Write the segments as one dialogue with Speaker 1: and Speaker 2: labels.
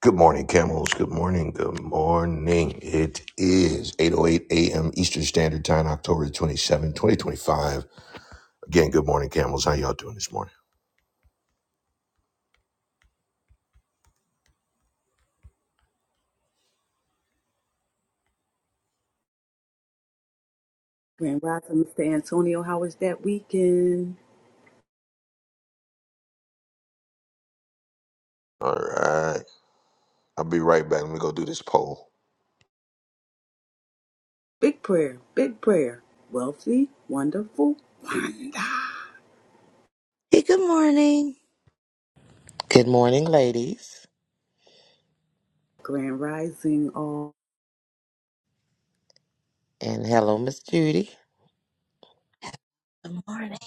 Speaker 1: Good morning, camels. Good morning. Good morning. It is 8.08 a.m. Eastern Standard Time, October 27, 2025. Again, good morning, camels. How y'all doing this morning?
Speaker 2: Grand Rising, Mr. Antonio, how was that weekend?
Speaker 1: All right. I'll be right back. Let me go do this poll.
Speaker 2: Big prayer, big prayer. Wealthy, wonderful,
Speaker 3: Hey, good morning.
Speaker 4: Good morning, ladies,
Speaker 2: Grand Rising, all.
Speaker 4: and hello, Miss Judy.
Speaker 3: Good morning.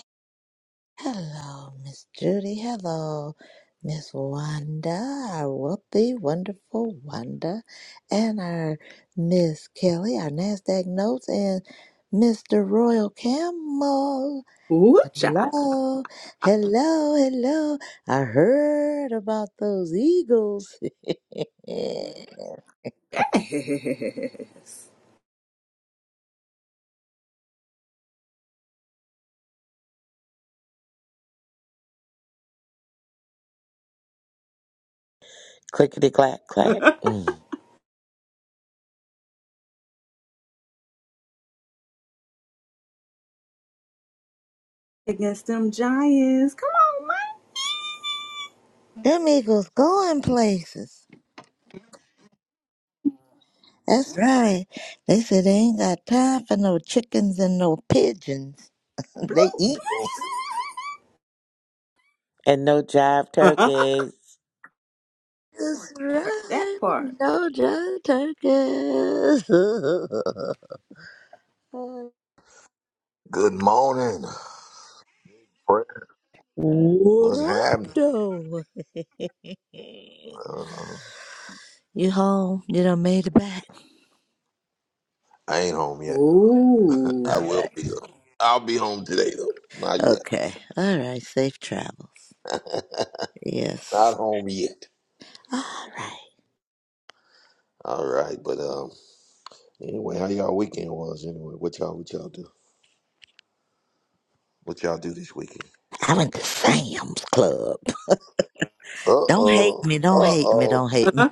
Speaker 3: Hello, Miss Judy. Hello, Miss Wanda, our whoopee, wonderful Wanda, and our Miss Kelly, our NASDAQ notes, and Mr. Royal Camel.
Speaker 2: Ooh, child.
Speaker 3: Hello, hello, hello. I heard about those eagles.
Speaker 2: Yes.
Speaker 4: Clickety clack clack, Mm.
Speaker 2: Against them Giants. Come on, man.
Speaker 3: Them eagles going places. That's right. They said they ain't got time for no chickens and no pigeons. They eagles.
Speaker 4: and no jive
Speaker 2: Blue.
Speaker 4: turkeys.
Speaker 3: That's
Speaker 2: that
Speaker 3: right.
Speaker 2: part.
Speaker 3: No John turkeys.
Speaker 1: Good morning. What's
Speaker 3: what up,
Speaker 1: happening?
Speaker 3: though? Yeah.
Speaker 1: Uh,
Speaker 3: You home? You done made it back?
Speaker 1: I ain't home yet.
Speaker 2: Ooh.
Speaker 1: I
Speaker 3: All
Speaker 1: will
Speaker 3: right.
Speaker 1: be. I'll be home today, though. Not yet.
Speaker 3: Okay. All right. Safe travels. Yes.
Speaker 1: Not home yet.
Speaker 3: All right.
Speaker 1: All right. But um, anyway, how y'all weekend was anyway? What y'all, what y'all do? What y'all do this weekend?
Speaker 3: I went to Sam's Club. Don't hate
Speaker 1: Uh-oh.
Speaker 3: me. Don't hate me.
Speaker 1: Uh-oh.
Speaker 3: Don't hate me.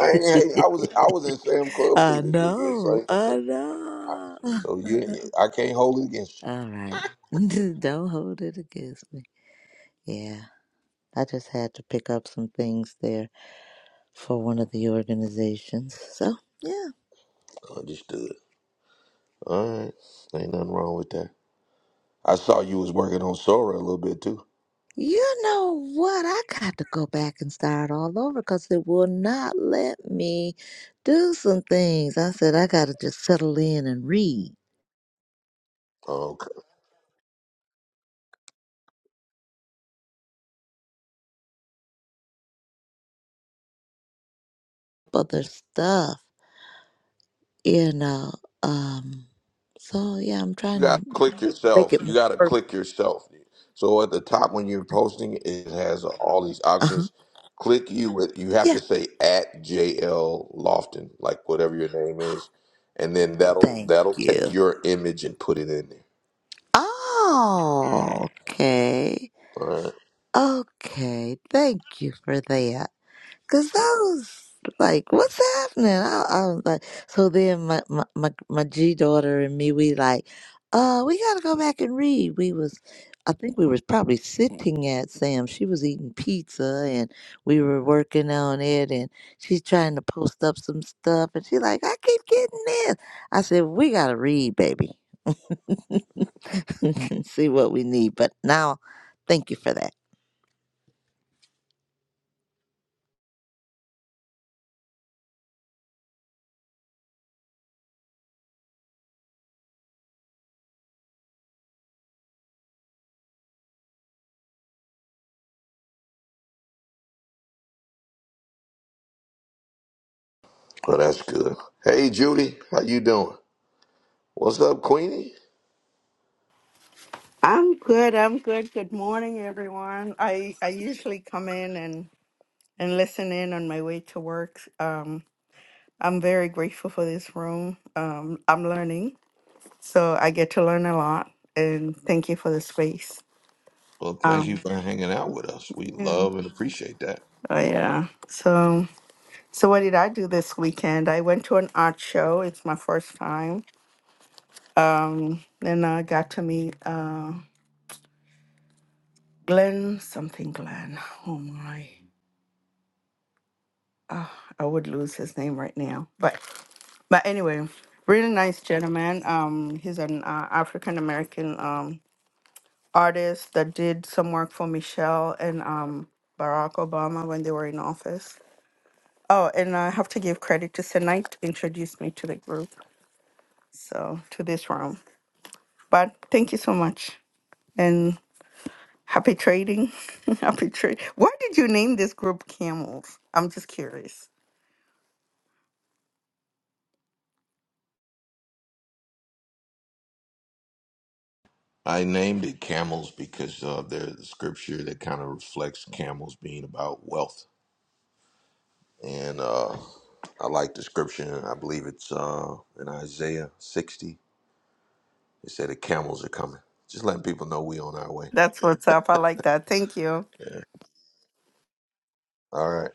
Speaker 1: I ain't, hating. I was I was in Sam Club too
Speaker 3: I
Speaker 1: this weekend,
Speaker 3: know.
Speaker 1: so
Speaker 3: I
Speaker 1: so,
Speaker 3: know.
Speaker 1: so you I can't hold it against you.
Speaker 3: All right. Don't hold it against me. Yeah. I just had to pick up some things there for one of the organizations. So, yeah.
Speaker 1: Understood. All right, ain't nothing wrong with that. I saw you was working on Sora a little bit too.
Speaker 3: You know what? I got to go back and start all over because it will not let me do some things. I said, I got to just settle in and read
Speaker 1: Okay,
Speaker 3: other stuff, you know. Um, so, yeah, I'm
Speaker 1: you
Speaker 3: trying to
Speaker 1: gotta click
Speaker 3: make
Speaker 1: yourself.
Speaker 3: it
Speaker 1: You
Speaker 3: more
Speaker 1: gotta
Speaker 3: personal.
Speaker 1: click yourself. So at the top when you're posting, it has all these
Speaker 3: Uh-huh.
Speaker 1: options. Click you with you have to
Speaker 3: Yeah.
Speaker 1: say at JL Lofton, like whatever your name is, and then that'll
Speaker 3: Thank
Speaker 1: that'll
Speaker 3: you.
Speaker 1: take your image and put it in there.
Speaker 3: Oh, okay.
Speaker 1: All right.
Speaker 3: Okay. Thank you for that. Cause I was like, what's happening? I, I was like, so then my, my, my, my G daughter and me, we like, uh, we gotta go back and read. We was, I think we was probably sitting at Sam. She was eating pizza and we were working on it and she's trying to post up some stuff and she like, I keep getting this. I said, we gotta read, baby. see what we need. But now, thank you for that.
Speaker 1: Well, that's good. Hey, Judy, how you doing? What's up, Queenie?
Speaker 5: I'm good. I'm good. Good morning, everyone. I I usually come in and and listen in on my way to work. Um, I'm very grateful for this room. Um, I'm learning, so I get to learn a lot. And thank you for the space.
Speaker 1: Well, thank you
Speaker 5: Um,
Speaker 1: for hanging out with us. We
Speaker 5: yeah.
Speaker 1: love and appreciate that.
Speaker 5: oh yeah. So so what did I do this weekend? I went to an art show. It's my first time. Um, and I got to meet uh Glenn something Glenn. Oh my. I would lose his name right now. But But anyway, really nice gentleman. Um, he's an uh, African American um artist that did some work for Michelle and um Barack Obama when they were in office. Oh, and I have to give credit to Senite introduced me to the group, so to this room. But thank you so much and happy trading, happy trade. Why did you name this group Camels? I'm just curious.
Speaker 1: I named it camels because uh, there's a scripture that kind of reflects camels being about wealth, and uh, I like the scripture. I believe it's uh, in Isaiah 60. It said the camels are coming. Just letting people know we on our way.
Speaker 5: That's what's up. I like that. Thank you.
Speaker 1: All right.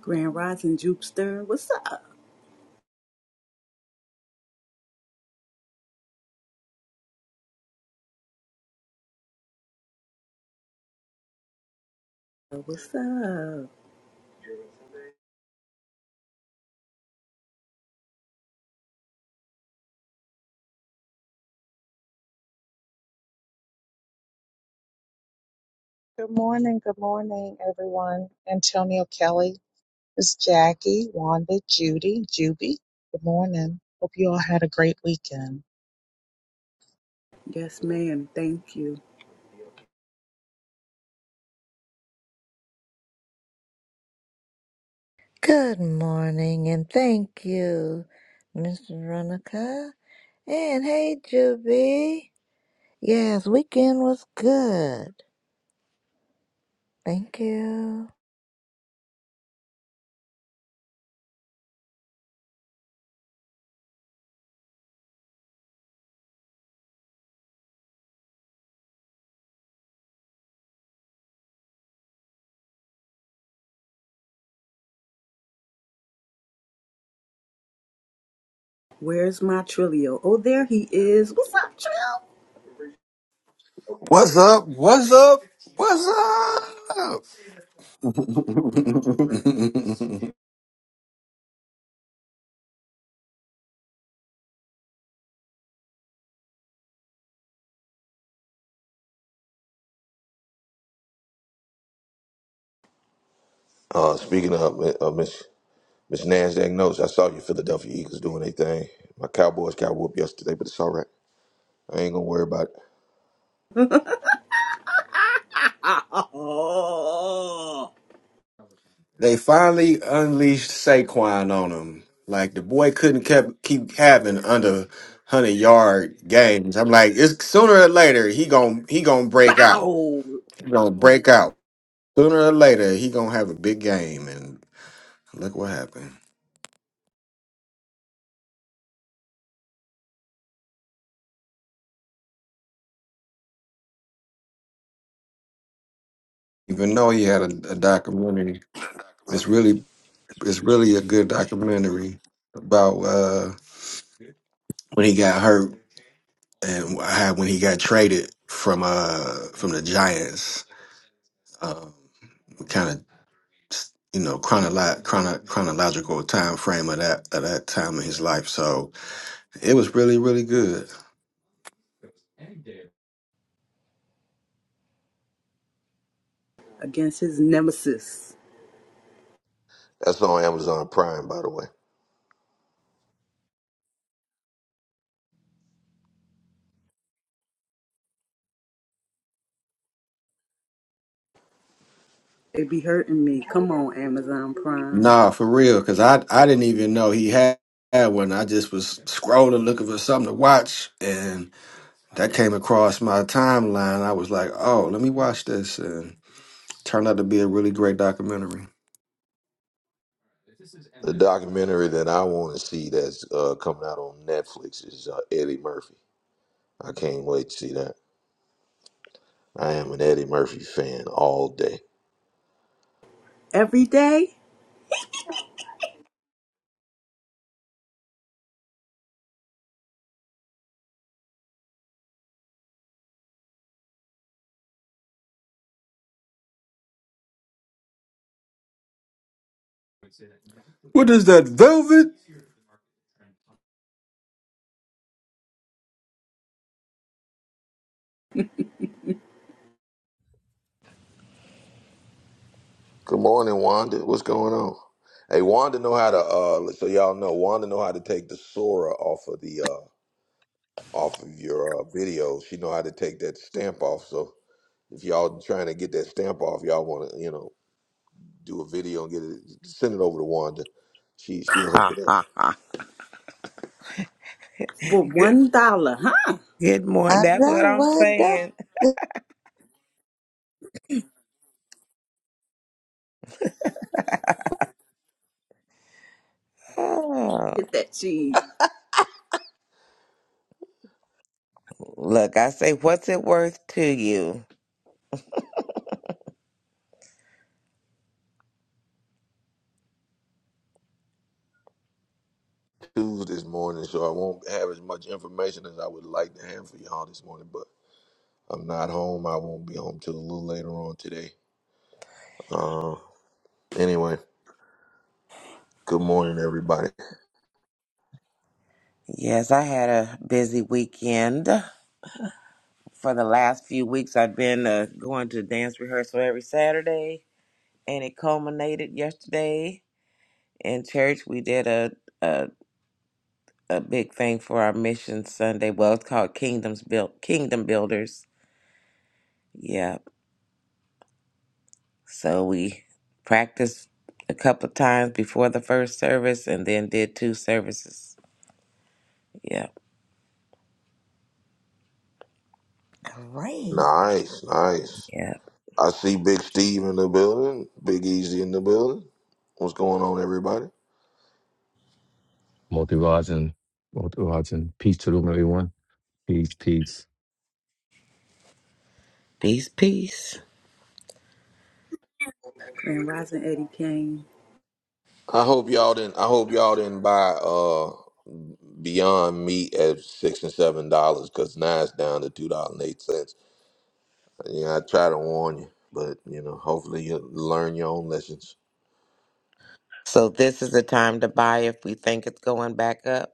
Speaker 2: Grand Rising, Jupster. What's up? What's up?
Speaker 6: Good morning, good morning, everyone. Antonio Kelly It's Jackie, Wanda, Judy, Juby. Good morning. Hope you all had a great weekend.
Speaker 2: Yes, ma'am. Thank you.
Speaker 3: Good morning, and thank you, Miss Veronica. And hey, Juby. Yes, weekend was good. Thank you.
Speaker 2: Where's my Trilio? Oh, there he is. What's up, Trill?
Speaker 7: What's up? What's up? What's up?
Speaker 1: Uh, speaking of uh, Miss Miss Nasdaq notes, I saw your Philadelphia Eagles doing their thing. My Cowboys got whooped yesterday, but it's all right. I ain't gonna worry about it.
Speaker 7: They finally unleashed Saquon on him. Like the boy couldn't kept keep having under hundred yard games. I'm like, it's sooner or later he gon' he gonna break out.
Speaker 2: Bow
Speaker 7: He gonna break out sooner or later. He gonna have a big game, and look what happened. Even though he had a, a documentary, it's really it's really a good documentary about uh, when he got hurt and I had when he got traded from uh from the Giants. Um, kind of you know chronolo- chrono- chronological time frame of that of that time in his life. So it was really really good.
Speaker 2: against his nemesis.
Speaker 1: That's on Amazon Prime, by the way.
Speaker 2: They be hurting me. Come on, Amazon Prime.
Speaker 7: Nah, for real, because I I didn't even know he had. had one. I just was scrolling looking for something to watch, and that came across my timeline. I was like, "Oh, let me watch this," and turned out to be a really great documentary.
Speaker 1: The documentary that I want to see that's uh, coming out on Netflix is uh, Eddie Murphy. I can't wait to see that. I am an Eddie Murphy fan all day.
Speaker 2: Every day
Speaker 7: What is that, Velvet?
Speaker 1: Good morning, Wanda. What's going on? Hey, Wanda know how to. Uh, so y'all know Wanda know how to take the Sora off of the uh, off of your uh, video. She know how to take that stamp off. So if y'all trying to get that stamp off, y'all want to you know do a video and get it, send it over to Wanda. She she'll hook
Speaker 4: Ha
Speaker 1: it up.
Speaker 4: ha ha!
Speaker 2: for
Speaker 4: Good,
Speaker 2: one dollar, huh?
Speaker 4: good morning.
Speaker 3: I
Speaker 4: That's what
Speaker 3: love
Speaker 4: I'm
Speaker 3: what that.
Speaker 4: saying. Oh,
Speaker 2: Get that cheese.
Speaker 4: look, I say, what's it worth to you?
Speaker 1: Tuesday morning, so I won't have as much information as I would like to have for y'all this morning. But I'm not home. I won't be home till a little later on today. Uh, anyway, good morning, everybody.
Speaker 4: Yes, I had a busy weekend. for the last few weeks i've been uh, going to dance rehearsal every saturday and it culminated yesterday in church we did a, a, a big thing for our mission sunday well it's called kingdoms built kingdom builders yeah so we practiced a couple of times before the first service and then did two services yeah
Speaker 3: Great.
Speaker 1: Nice, nice.
Speaker 4: yeah
Speaker 1: I see Big Steve in the building. Big Easy in the building. What's going on, everybody?
Speaker 8: Multi rods and multi rods and peace to the room, everyone. Peace, peace.
Speaker 4: peace peace
Speaker 2: Grand Rising Eddie Kane.
Speaker 1: I hope y'all didn't. I hope y'all didn't buy uh Beyond Meat at six and seven dollars because now it's down to two dollars and eight cents. Yeah, I try to warn you, but you know, hopefully you learn your own lessons.
Speaker 4: so this is the time to buy if we think it's going back up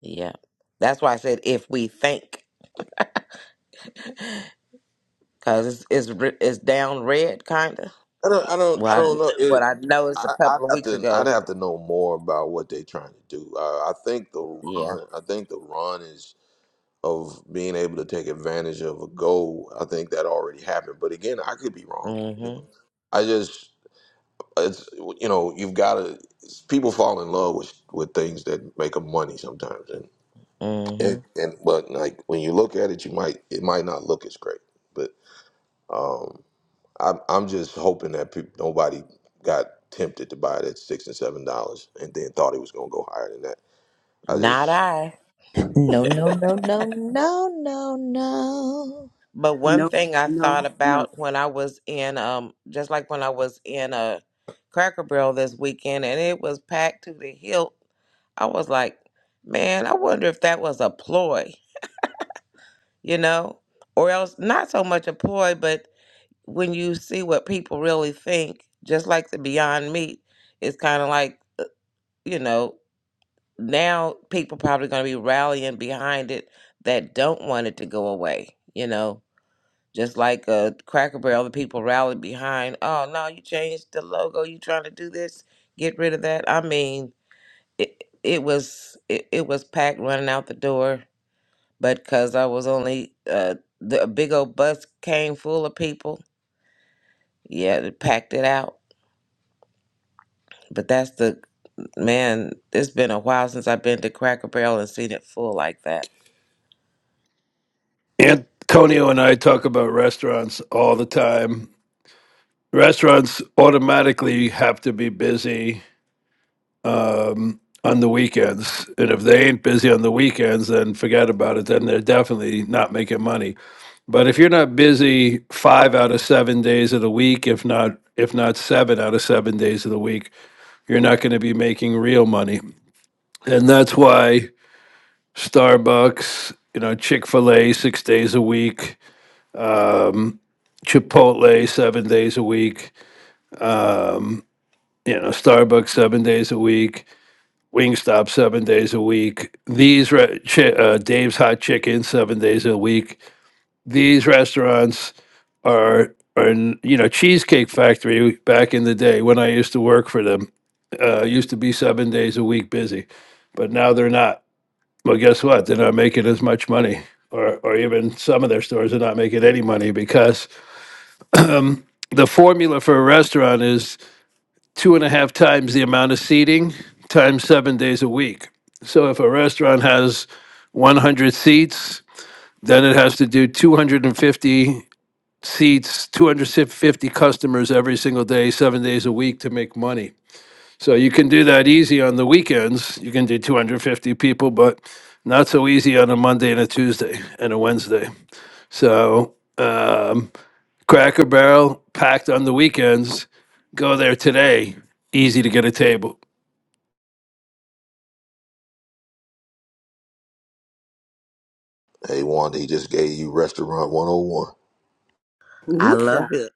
Speaker 4: yeah that's why i said if we think Cause it's it's re- it's down red, kinda.
Speaker 1: I don't, I don't, I
Speaker 4: Well,
Speaker 1: don't
Speaker 4: I,
Speaker 1: know.
Speaker 4: what
Speaker 1: It,
Speaker 4: I noticed a
Speaker 1: I, I'd
Speaker 4: couple of
Speaker 1: have
Speaker 4: weeks
Speaker 1: to, I'd
Speaker 4: ago.
Speaker 1: have to know more about what they're trying to do. I, I think the
Speaker 4: Yeah.
Speaker 1: run, I think the run is of being able to take advantage of a goal. I think that already happened, but again, I could be wrong. You
Speaker 4: Mhm.
Speaker 1: know, I just, it's, you know, you've got to. People fall in love with with things that make them money sometimes, and and
Speaker 4: Mhm.
Speaker 1: and but like when you look at it, you might it might not look as great, but. Um, I'm I'm just hoping that people, nobody got tempted to buy it at six and seven dollars, and then thought it was gonna go higher than that. I
Speaker 4: Not
Speaker 1: just
Speaker 4: I.
Speaker 3: No, no, no, no, no, no, no.
Speaker 4: But one
Speaker 2: No,
Speaker 4: thing I
Speaker 2: no,
Speaker 4: thought
Speaker 2: no.
Speaker 4: about when I was in um, just like when I was in a Cracker Barrel this weekend, and it was packed to the hilt. I was like, man, I wonder if that was a ploy, you know, or else not so much a ploy, but when you see what people really think, just like the Beyond Meat, it's kind of like you know, now people probably going to be rallying behind it that don't want it to go away, you know. Just like uh, Cracker Barrel, the people rallied behind, oh, no, you changed the logo. You trying to do this? Get rid of that. I mean, it, it was it, it was packed running out the door, but because I was only, uh, the a big old bus came full of people. Yeah, it packed it out. But that's the, man, it's been a while since I've been to Cracker Barrel and seen it full like that.
Speaker 9: Antonio and I talk about restaurants all the time. Restaurants automatically have to be busy um, on the weekends. And if they ain't busy on the weekends, then forget about it. Then they're definitely not making money. But if you're not busy five out of seven days of the week, if not if not seven out of seven days of the week, you're not going to be making real money. And that's why Starbucks, you know, Chick fil A six days a week, um, Chipotle seven days a week, um, you know, Starbucks seven days a week, Wingstop seven days a week. These re- chi- uh, Dave's Hot Chicken seven days a week. These restaurants are are n- you know Cheesecake Factory back in the day when I used to work for them uh, used to be seven days a week busy, but now they're not. Well, guess what? They're not making as much money, or or even some of their stores are not making any money because the formula for a restaurant is two and a half times the amount of seating times seven days a week. So if a restaurant has 100 seats, then it has to do 250 seats, 250 customers every single day, seven days a week to make money. So you can do that easy on the weekends. You can do 250 people, but not so easy on a Monday and a Tuesday and a Wednesday. So, um, Cracker Barrel packed on the weekends. Go there today. Easy to get a table.
Speaker 1: hey Wanda, he just gave you restaurant 101.
Speaker 4: I
Speaker 2: Ooh,
Speaker 4: love it.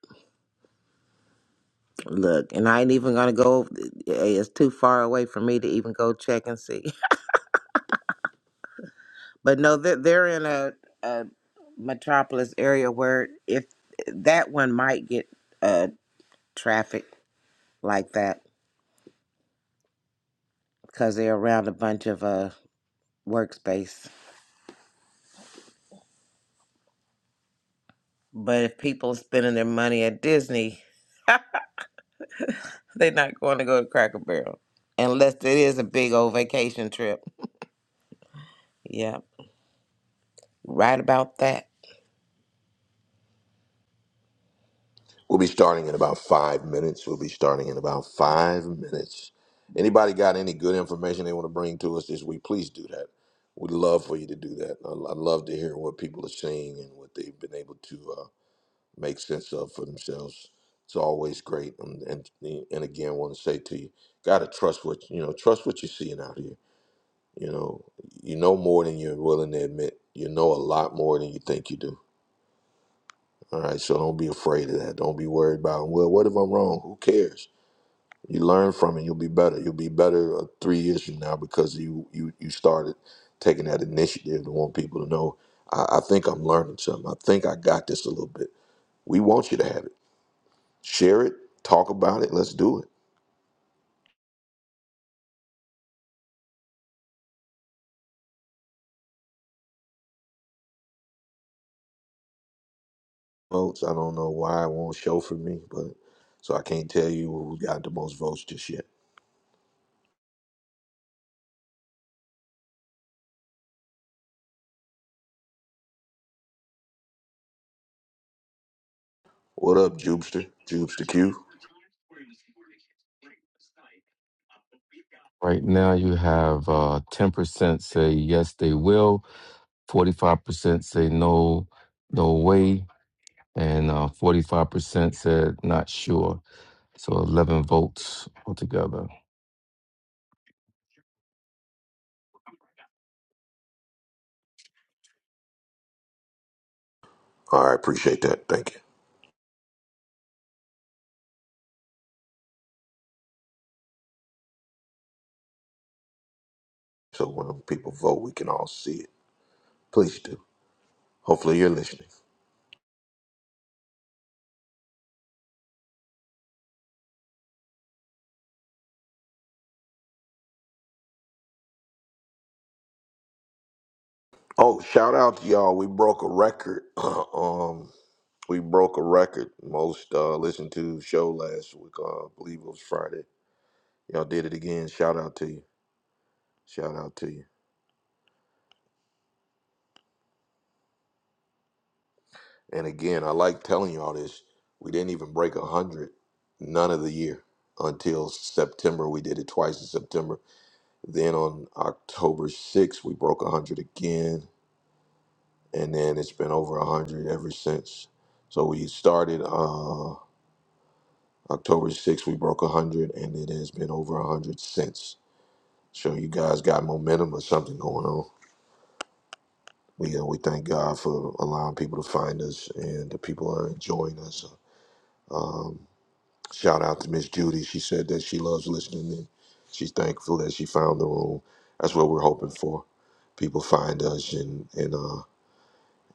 Speaker 4: Look, and I ain't even gonna go. eh, It's too far away for me to even go check and see. But no, they're, they're in a, a metropolis area where if that one might get uh traffic like that because they're around a bunch of uh workspace. But if people spending their money at Disney, they're not going to go to Cracker Barrel unless it is a big old vacation trip. Yeah, right about that.
Speaker 1: We'll be starting in about five minutes. We'll be starting in about five minutes. Anybody got any good information they want to bring to us this week? Please do that. We'd love for you to do that. I- I'd love to hear what people are seeing and what they've been able to. uh, make sense of for themselves. It's always great. And and, and again, want to say to you, gotta trust what you know. Trust what you're seeing out here. You know, you know more than you're willing to admit. You know a lot more than you think you do. All right, so don't be afraid of that. Don't be worried about well, what if I'm wrong? Who cares? You learn from it. You'll be better. You'll be better uh, three years from now because you you you started taking that initiative to want people to know. I, I think I'm learning something. I think I got this a little bit. We want you to have it. Share it, talk about it. Let's do it. Votes. I don't know why it won't show for me, but so I can't tell you who got the most votes just yet. What up, Jubester? Jubester Q.
Speaker 8: Right now, you have uh, 10% say yes, they will, 45% say no, no way, and uh, 45% said not sure. So 11 votes altogether.
Speaker 1: All right, appreciate that. Thank you. So when people vote, we can all see it. Please do. Hopefully you're listening. Oh, shout out to y'all. We broke a record. um, we broke a record. Most uh listened to show last week. Uh, I believe it was Friday. Y'all did it again. Shout out to you. Shout out to you. And again, I like telling y'all this. We didn't even break a hundred none of the year until September. We did it twice in September. Then on October 6th, we broke a hundred again, and then it's been over a hundred ever since. So we started uh, October 6th, we broke a hundred, and it has been over a hundred since. So you guys got momentum or something going on. We uh, we thank God for allowing people to find us, and the people are enjoying us. Um, Shout out to Miss Judy. She said that she loves listening and she's thankful that she found the room. That's what we're hoping for. People find us and and uh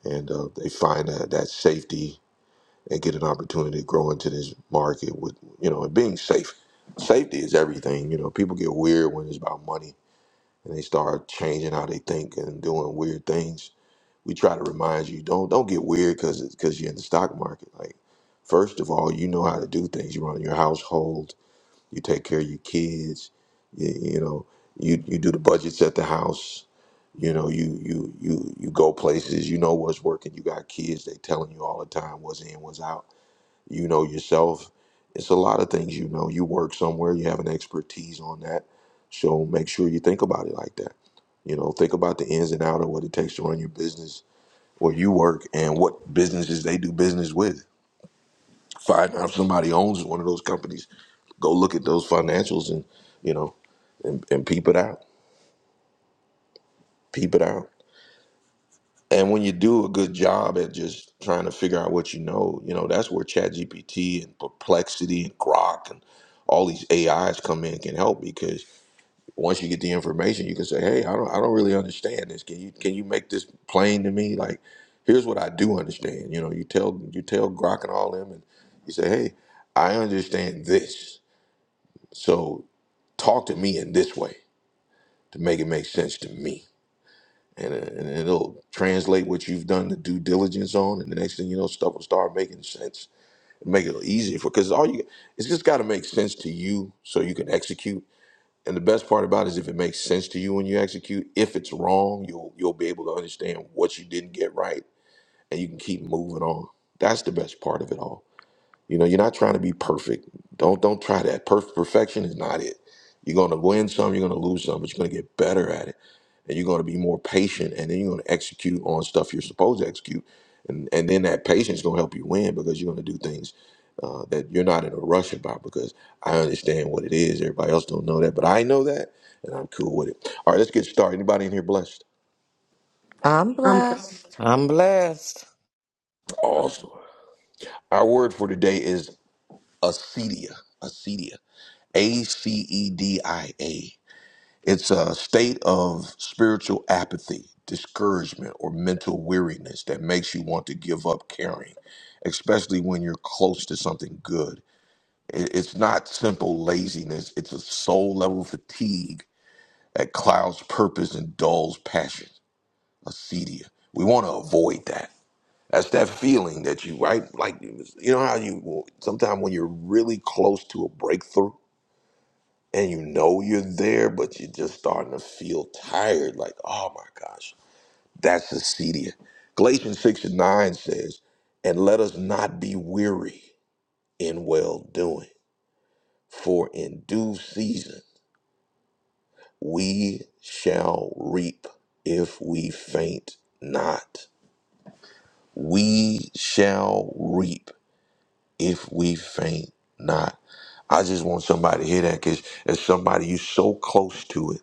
Speaker 1: and uh, they find that, that safety and get an opportunity to grow into this market with you know and being safe. Safety is everything. You know, people get weird when it's about money and they start changing how they think and doing weird things. We try to remind you don't don't get weird because because you're in the stock market. Like first of all, you know how to do things. You run your household you take care of your kids you, you know you you do the budgets at the house you know you you you you go places you know what's working you got kids they telling you all the time what's in what's out you know yourself it's a lot of things you know you work somewhere you have an expertise on that so make sure you think about it like that you know think about the ins and out of what it takes to run your business where you work and what businesses they do business with find out if somebody owns one of those companies Go look at those financials and you know and, and peep it out. Peep it out. And when you do a good job at just trying to figure out what you know, you know, that's where ChatGPT and Perplexity and Grok and all these AIs come in and can help because once you get the information, you can say, "Hey, I don't, I don't really understand this. Can you, can you make this plain to me? Like, here's what I do understand." You know, you tell, you tell Grok and all them, and you say, "Hey, I understand this. So talk to me in this way." to make it make sense to me. And, uh, and it'll translate what you've done the due diligence on, and the next thing you know, stuff will start making sense. Make it easier for because all you it's just got to make sense to you so you can execute. And the best part about it is if it makes sense to you when you execute. If it's wrong, you'll you'll be able to understand what you didn't get right, and you can keep moving on. That's the best part of it all. You know, you're not trying to be perfect. Don't don't try that. Perf- perfection is not it. You're gonna win some, you're gonna lose some, but you're gonna get better at it and you're going to be more patient and then you're going to execute on stuff you're supposed to execute and and then that patience is going to help you win because you're going to do things uh, that you're not in a rush about because i understand what it is everybody else don't know that but i know that and i'm cool with it all right let's get started anybody in here blessed
Speaker 3: I'm
Speaker 2: I'm black.
Speaker 3: blessed.
Speaker 4: I'm blessed.
Speaker 1: awesome our word for today is acedia acedia a-c-e-d-i-a It's a state of spiritual apathy, discouragement, or mental weariness that makes you want to give up caring, especially when you're close to something good. It- It's not simple laziness, it's a soul level fatigue that clouds purpose and dulls passion, acedia. We want to avoid that. That's that feeling that you, right? Like, you know how you, sometimes when you're really close to a breakthrough, and you know you're there, but you're just starting to feel tired. Like, oh my gosh, that's the Acedia. Galatians 6 and 9 says, And let us not be weary in well doing, for in due season we shall reap if we faint not. We shall reap if we faint not. I just want somebody to hear that because as somebody, you're so close to it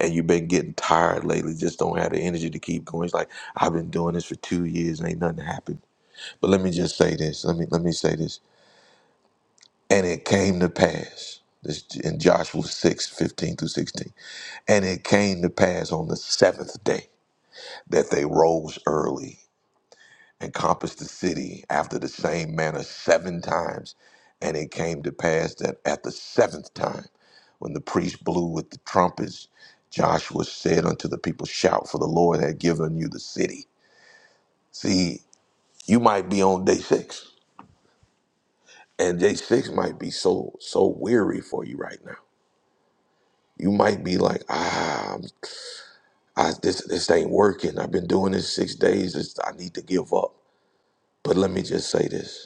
Speaker 1: and you've been getting tired lately, just don't have the energy to keep going. It's like I've been doing this for two years and ain't nothing happened. But let me just say this. Let me let me say this. And it came to pass. This in Joshua 6 15 through 16. And it came to pass on the seventh day that they rose early and compassed the city after the same manner seven times. And it came to pass that at the seventh time, when the priest blew with the trumpets, Joshua said unto the people, Shout, for the Lord had given you the city. See, you might be on day six, and day six might be so so weary for you right now. You might be like, ah, I'm- I, this this ain't working. I've been doing this six days. It's, I need to give up. But let me just say this.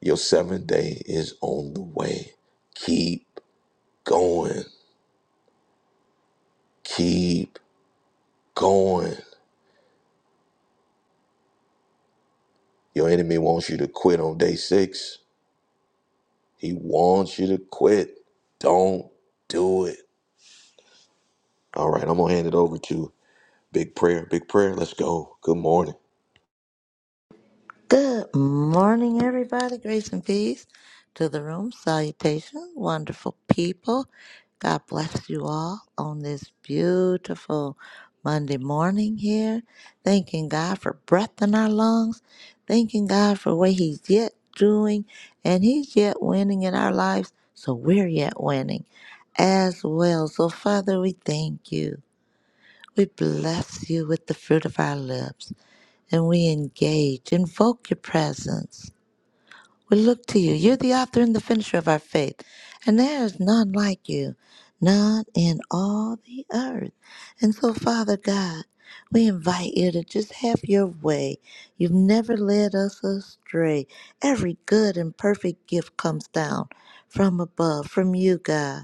Speaker 1: Your seventh day is on the way. Keep going. Keep going. Your enemy wants you to quit on day six. He wants you to quit. Don't do it. All right, I'm going to hand it over to Big Prayer. Big Prayer, let's go. Good morning.
Speaker 3: Good morning, everybody. Grace and peace to the room. Salutations, wonderful people. God bless you all on this beautiful Monday morning here. Thanking God for breath in our lungs. Thanking God for what He's yet doing. And He's yet winning in our lives. So we're yet winning as well. So, Father, we thank you. We bless you with the fruit of our lips and we engage. Invoke your presence. We look to you. You're the author and the finisher of our faith, and there is none like you, none in all the earth. And so, Father God, we invite you to just have your way. You've never led us astray. Every good and perfect gift comes down from above, from you, God.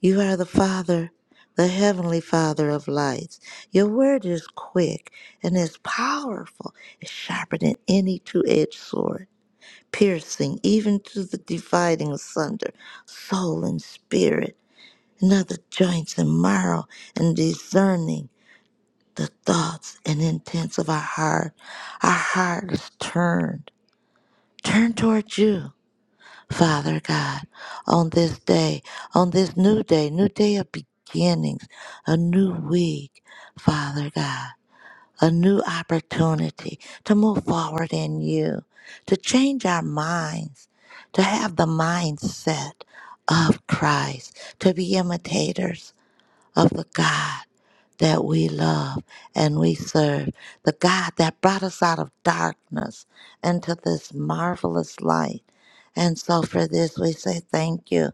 Speaker 3: You are the Father, the Heavenly Father of lights. Your word is quick and is powerful, it's sharper than any two edged sword, piercing even to the dividing asunder soul and spirit, and of the joints and marrow, and discerning the thoughts and intents of our heart. Our heart is turned, turned towards you. Father God, on this day, on this new day, new day of beginnings, a new week, Father God, a new opportunity to move forward in you, to change our minds, to have the mindset of Christ, to be imitators of the God that we love and we serve, the God that brought us out of darkness into this marvelous light. And so for this, we say thank you.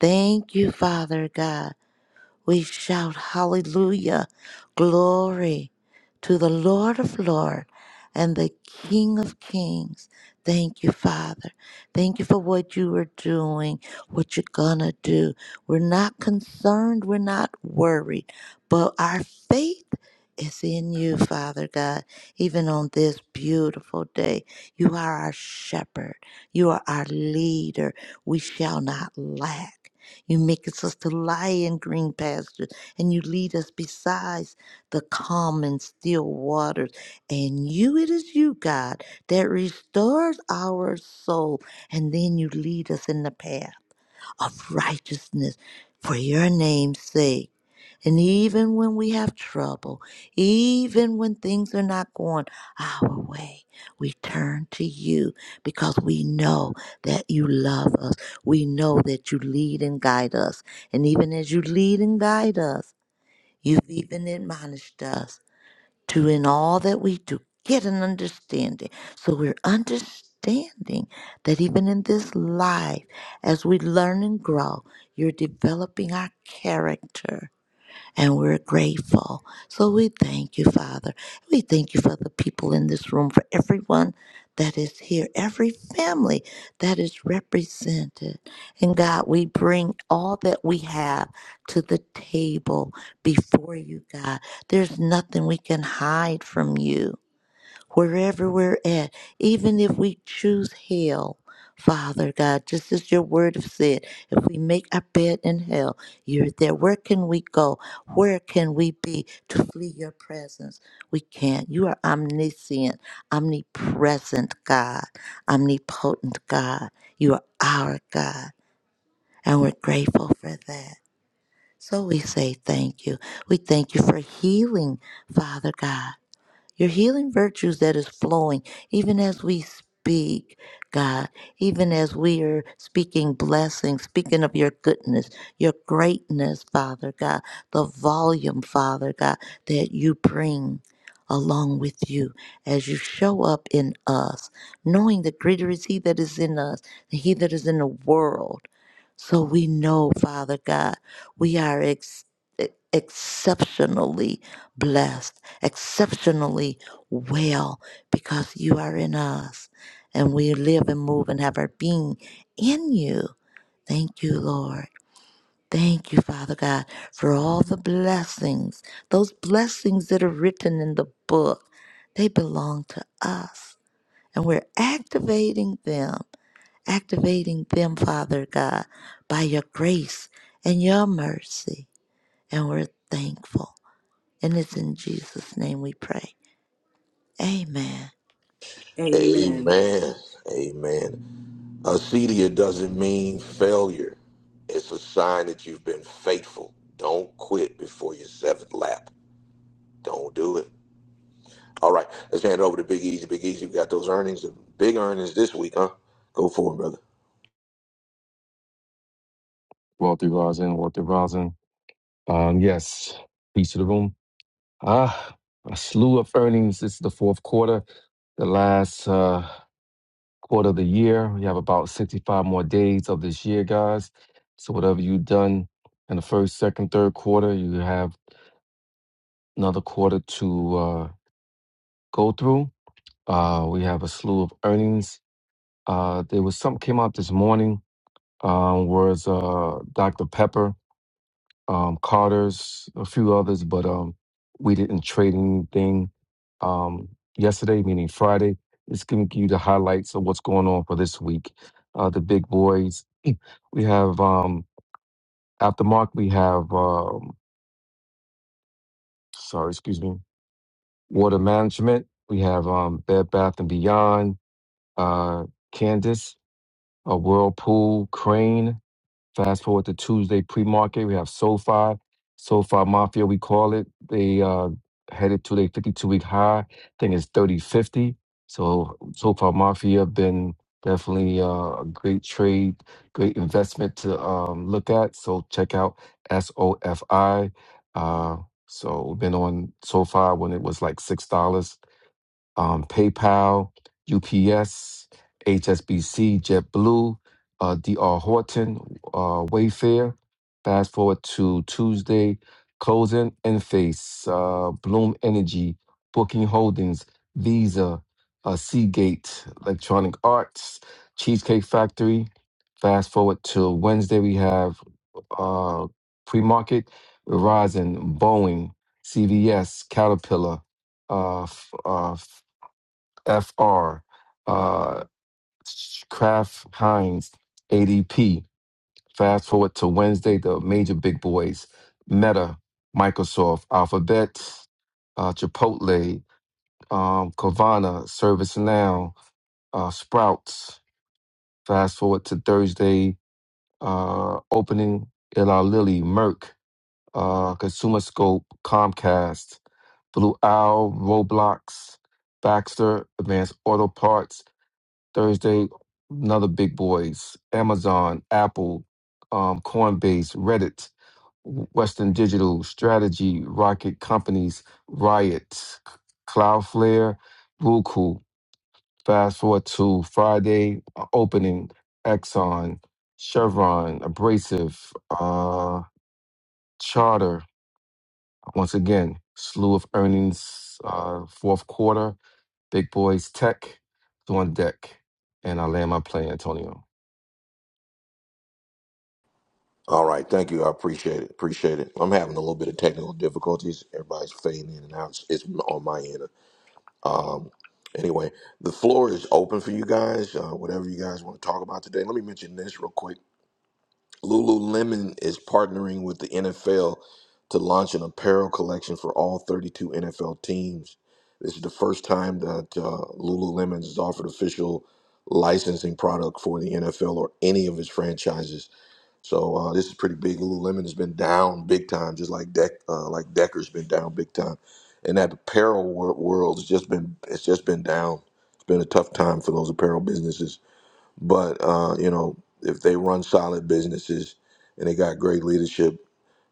Speaker 3: Thank you, Father God we shout hallelujah, glory to the Lord of Lords and the King of Kings. Thank you, Father. Thank you for what you are doing, what you're gonna do. We're not concerned, we're not worried, but our faith is in you, Father God, even on this beautiful day. You are our shepherd, you are our leader. We shall not lack. You make us to lie in green pastures, and you lead us besides the calm and still waters. And you, it is you, God, that restores our soul. And then you lead us in the path of righteousness for your name's sake. And even when we have trouble, even when things are not going our way, we turn to you because we know that you love us. We know that you lead and guide us. And even as you lead and guide us, you've even admonished us to, in all that we do, get an understanding. So we're understanding that even in this life, as we learn and grow, you're developing our character and we're grateful. So we thank you, Father. We thank you for the people in this room, for everyone that is here, every family that is represented. And God, we bring all that we have to the table before you, God. There's nothing we can hide from you wherever we're at, even if we choose hell, Father God, just as your word has said, if we make our bed in hell, you're there. Where can we go? Where can we be to flee your presence? We can't. You are omniscient, omnipresent God, omnipotent God. You are our God, and we're grateful for that. So we say thank you. We thank you for healing, Father God your healing virtues that is flowing even as we speak god even as we are speaking blessings speaking of your goodness your greatness father god the volume father god that you bring along with you as you show up in us knowing that greater is he that is in us than he that is in the world so we know father god we are ex- e, exceptionally blessed exceptionally well because you are in us and we live and move and have our being in you. Thank you, Lord. Thank you, Father God, for all the blessings, those blessings that are written in the book. They belong to us. And we're activating them, activating them, Father God, by your grace and your mercy. And we're thankful. And it's in Jesus' name we pray. Amen.
Speaker 2: Amen.
Speaker 1: Amen. Amen. Acedia doesn't mean failure. It's a sign that you've been faithful. Don't quit before your seventh lap. Don't do it. All right, let's hand it over to Big Easy. Big Easy, we got those earnings, big earnings this week, huh? Go for it, brother.
Speaker 8: Walter Rosin, Walter Rosin. Um, yes, peace to the room. Ah, a slew of earnings. This is the fourth quarter, the last. uh, quarter of the year. We have about 65 more days of this year, guys. So whatever you've done in the first, second, third quarter, you have another quarter to uh, go through. Uh, we have a slew of earnings. Uh, there was something came out this morning. Um, was uh, Dr. Pepper um, Carter's, a few others, but um, we didn't trade anything um, yesterday, meaning Friday. It's giving you the highlights of what's going on for this week. Uh, the big boys. We have um, after Mark. We have um, sorry, excuse me. Water management. We have um, Bed Bath and Beyond. Uh, Candace, uh, Whirlpool, Crane. Fast forward to Tuesday pre-market, we have SoFi, SoFi Mafia, we call it. They uh, headed to their 52-week high. I think it's 30.50. So SoFi Mafia been definitely uh, a great trade, great investment to um, look at. So check out SOFI. Uh, so we've been on SoFi when it was like $6. um, PayPal, UPS, HSBC, JetBlue, uh, DR Horton, uh, Wayfair. Fast forward to Tuesday, closing Enphase, uh, Bloom Energy, Booking Holdings, Visa, uh, Seagate, Electronic Arts, Cheesecake Factory. Fast forward to Wednesday, we have uh, pre market, Verizon, Boeing, CVS, Caterpillar, uh, f- uh, FR, uh, Kraft Heinz, ADP. Fast forward to Wednesday, the major big boys, Meta, Microsoft, Alphabet, uh, Chipotle, um, Carvana, ServiceNow, uh, Sprouts. Fast forward to Thursday, uh, opening Eli Lilly, Merck, uh, Consumer Scope, Comcast, Blue Owl, Roblox, Baxter, Advanced Auto Parts, Thursday, another big boys, Amazon, Apple, um, Coinbase, Reddit, Western Digital, Strategy, Rocket Companies, Riot, Cloudflare, Roku. Fast forward to Friday uh, opening, Exxon, Chevron, Abrasive, uh, Charter. Once again, slew of earnings, uh, fourth quarter, big boys tech, is on deck. And I land my plane, Antonio.
Speaker 1: All right, thank you. I appreciate it. Appreciate it. I'm having a little bit of technical difficulties. Everybody's fading in and out. It's it's on my end. Anyway, the floor is open for you guys. Uh, whatever you guys want to talk about today. Let me mention this real quick. Lululemon is partnering with the NFL to launch an apparel collection for all 32 NFL teams. This is the first time that uh, Lululemon has offered official licensing product for the NFL or any of its franchises. So uh, this is pretty big. Lululemon has been down big time, just like Deck, uh, like Decker's been down big time, and that apparel wor- world has just been it's just been down. It's been a tough time for those apparel businesses but uh, you know, if they run solid businesses and they got great leadership,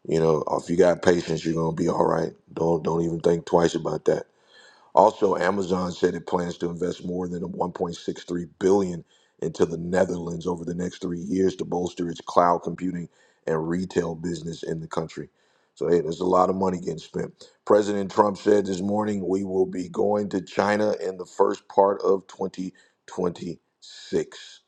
Speaker 1: you know, if you got patience, you're gonna be all right. Don't don't even think twice about that. Also, Amazon said it plans to invest more than 1.63 billion into the Netherlands over the next three years to bolster its cloud computing and retail business in the country. So hey, there's a lot of money getting spent. President Trump said this morning we will be going to China in the first part of 2026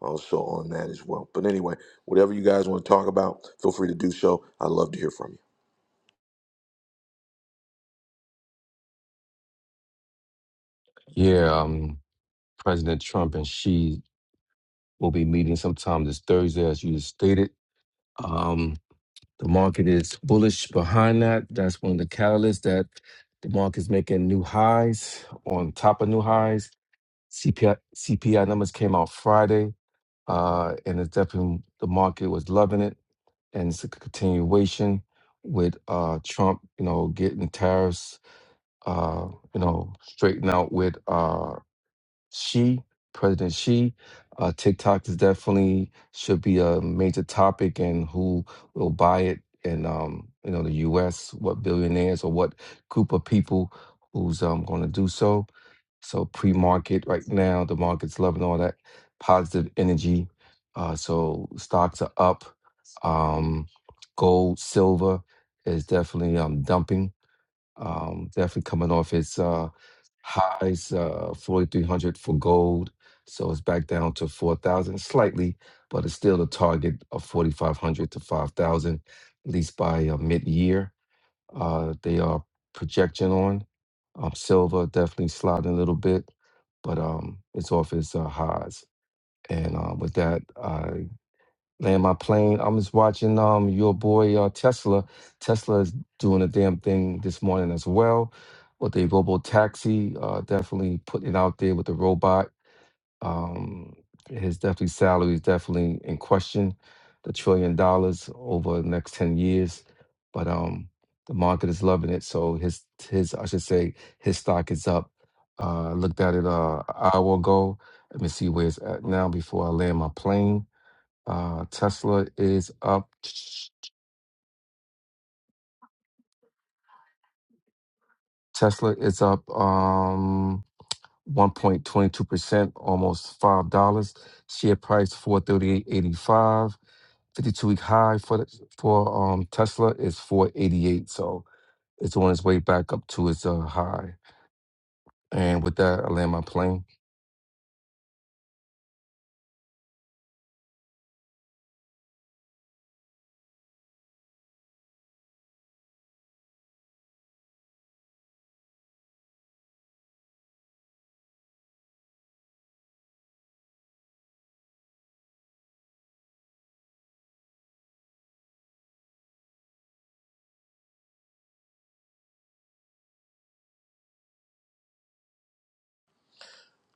Speaker 1: also on that as well. But anyway, whatever you guys want to talk about, feel free to do so. I'd love to hear from you.
Speaker 8: Yeah, um, President Trump and she will be meeting sometime this Thursday, as you stated. Um, the market is bullish behind that. That's one of the catalysts that the market's making new highs on top of new highs. CPI numbers came out Friday, uh, and it's definitely the market was loving it, and it's a continuation with uh, Trump, you know, getting tariffs, uh, you know, straightened out with. Uh, Xi, President Xi, uh, TikTok is definitely should be a major topic, and who will buy it? in, um, you know, the U.S. What billionaires or what group of people who's um, going to do so? So pre-market right now, the market's loving all that positive energy. Uh, so stocks are up. Um, gold, silver is definitely um, dumping. Um, definitely coming off its. uh highs uh 4300 for gold so it's back down to 4000 slightly but it's still the target of 4500 to 5000 at least by uh, mid-year uh they are projection on um silver definitely sliding a little bit but um it's off its uh, highs and uh, with that Land my plane. I'm just watching um your boy uh, Tesla. Tesla is doing a damn thing this morning as well with the robo taxi. Uh, definitely putting it out there with the robot. Um, his definitely salary is definitely in question. The trillion dollars over the next ten years, but um the market is loving it. So his his I should say his stock is up. Uh, I looked at it uh, an hour ago. Let me see where it's at now before I land my plane. Uh, Tesla is up. Tesla is up um 1.22%, almost five dollars. Share price 438.85. 52 week high for the, for um Tesla is 488. So it's on its way back up to its uh, high. And with that, I land my plane.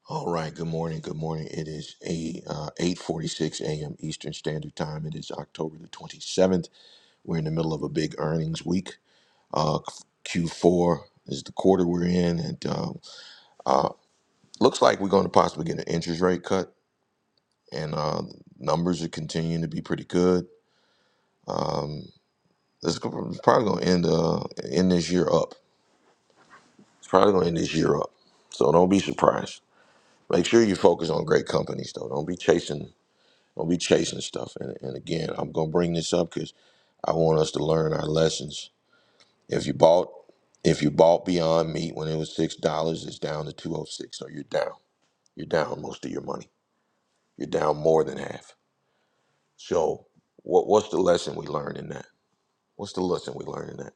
Speaker 1: All right. Good morning. Good morning. It is a uh, eight forty six a.m. Eastern Standard Time. It is October the twenty seventh. We're in the middle of a big earnings week. Uh, Q four is the quarter we're in, and uh, uh, looks like we're going to possibly get an interest rate cut. And uh, numbers are continuing to be pretty good. This is probably going to end uh, end this year up. It's probably going to end this year up. So don't be surprised. Make sure you focus on great companies though. Don't be chasing. Don't be chasing stuff. And, and again, I'm gonna bring this up because I want us to learn our lessons. If you bought, if you bought Beyond Meat when it was six dollars, it's down to two oh six. So you're down. You're down most of your money. You're down more than half. So what what's the lesson we learned in that? What's the lesson we learned in that?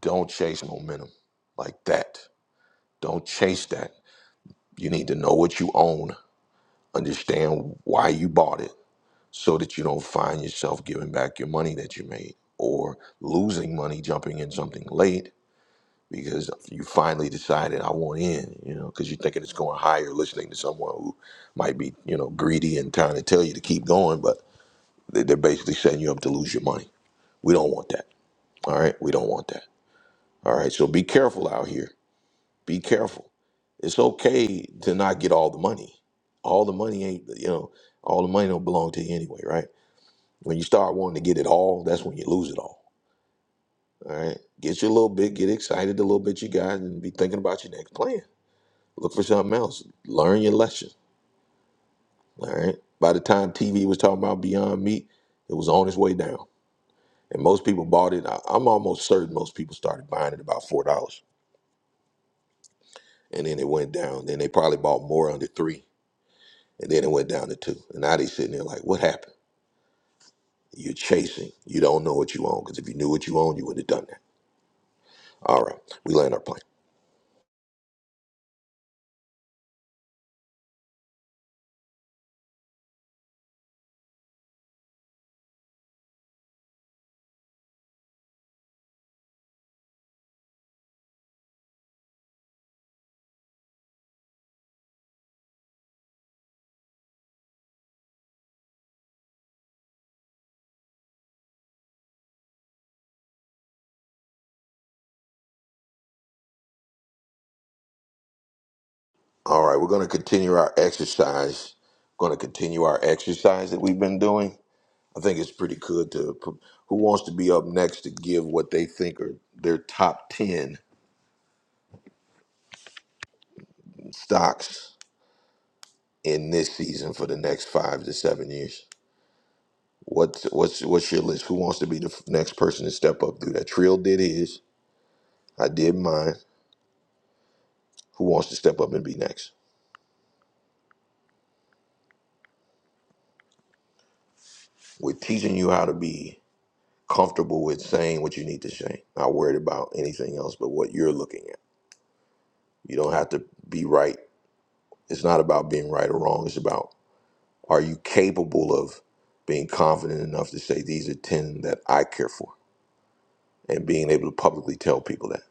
Speaker 1: Don't chase momentum like that. Don't chase that. You need to know what you own. Understand why you bought it so that you don't find yourself giving back your money that you made or losing money jumping in something late because you finally decided I want in, you know, because you're thinking it's going higher listening to someone who might be, you know, greedy and trying to tell you to keep going, but they- they're basically setting you up to lose your money. We don't want that. All right. We don't want that. All right. So be careful out here. Be careful. It's okay to not get all the money. All the money ain't, you know, all the money don't belong to you anyway, right? When you start wanting to get it all, that's when you lose it all. All right. Get you a little bit, get excited a little bit you got, and be thinking about your next plan. Look for something else. Learn your lesson. All right. By the time TV was talking about Beyond Meat, it was on its way down. And most people bought it. I- I'm almost certain most people started buying it about four dollars. And then it went down. Then they probably bought more under three. And then it went down to two. And now they sitting there like, what happened? You're chasing. You don't know what you own. Because if you knew what you own, you would have done that. All right. We land our plane. All right, we're going to continue our exercise. Going to continue our exercise that we've been doing. I think it's pretty good to. p- Who wants to be up next to give what they think are their top ten stocks in this season for the next five to seven years? What's what's what's your list? Who wants to be the f- next person to step up? Do that. Trill did his. I did mine. Who wants to step up and be next? We're teaching you how to be comfortable with saying what you need to say. Not worried about anything else but what you're looking at. You don't have to be right. It's not about being right or wrong. It's about are you capable of being confident enough to say these are ten that I care for, and being able to publicly tell people that.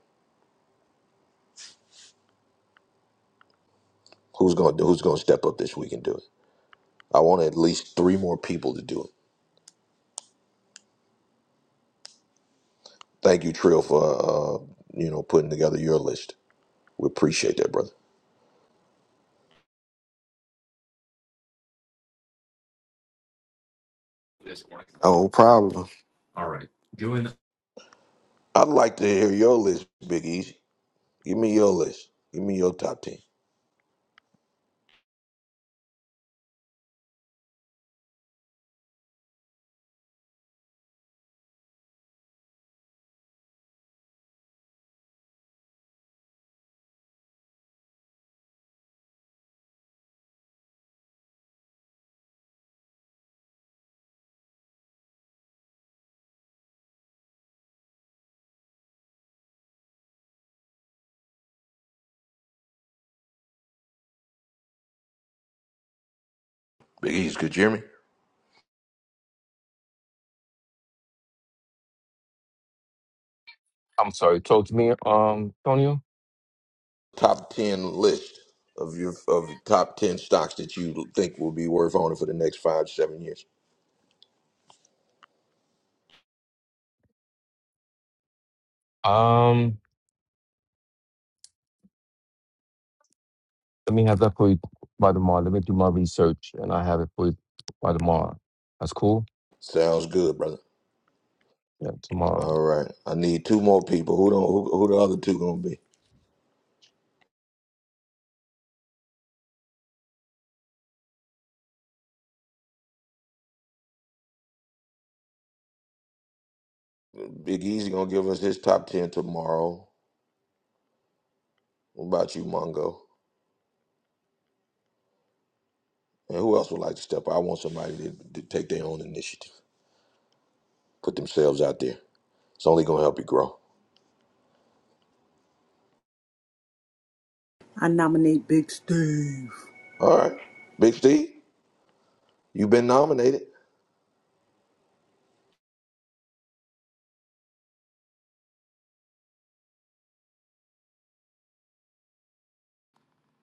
Speaker 1: Who's gonna Who's gonna step up this week and do it? I want at least three more people to do it. Thank you, Trill, for uh, you know putting together your list. We appreciate that, brother.
Speaker 7: Oh, problem.
Speaker 1: I'd like to hear your list, Big Easy. Give me your list. Give me your top ten. Big Easy, could you hear me?
Speaker 8: I'm sorry, talk to me, um, Antonio.
Speaker 1: top ten list of your of your top ten stocks that you think will be worth owning for the next five to seven years.
Speaker 8: Um, Let me have that for you by tomorrow. Let me do my research and I have it for you by tomorrow. That's cool?
Speaker 1: Sounds good, brother.
Speaker 8: Yeah, tomorrow.
Speaker 1: All right, I need two more people. Who don't? Who, who the other two gonna be? Big Easy gonna give us his top ten tomorrow. What about you, Mongo? And who else would like to step up? I want somebody to, to take their own initiative, put themselves out there. It's only gonna help you grow.
Speaker 2: I nominate Big Steve.
Speaker 1: All right, Big Steve, you've been nominated.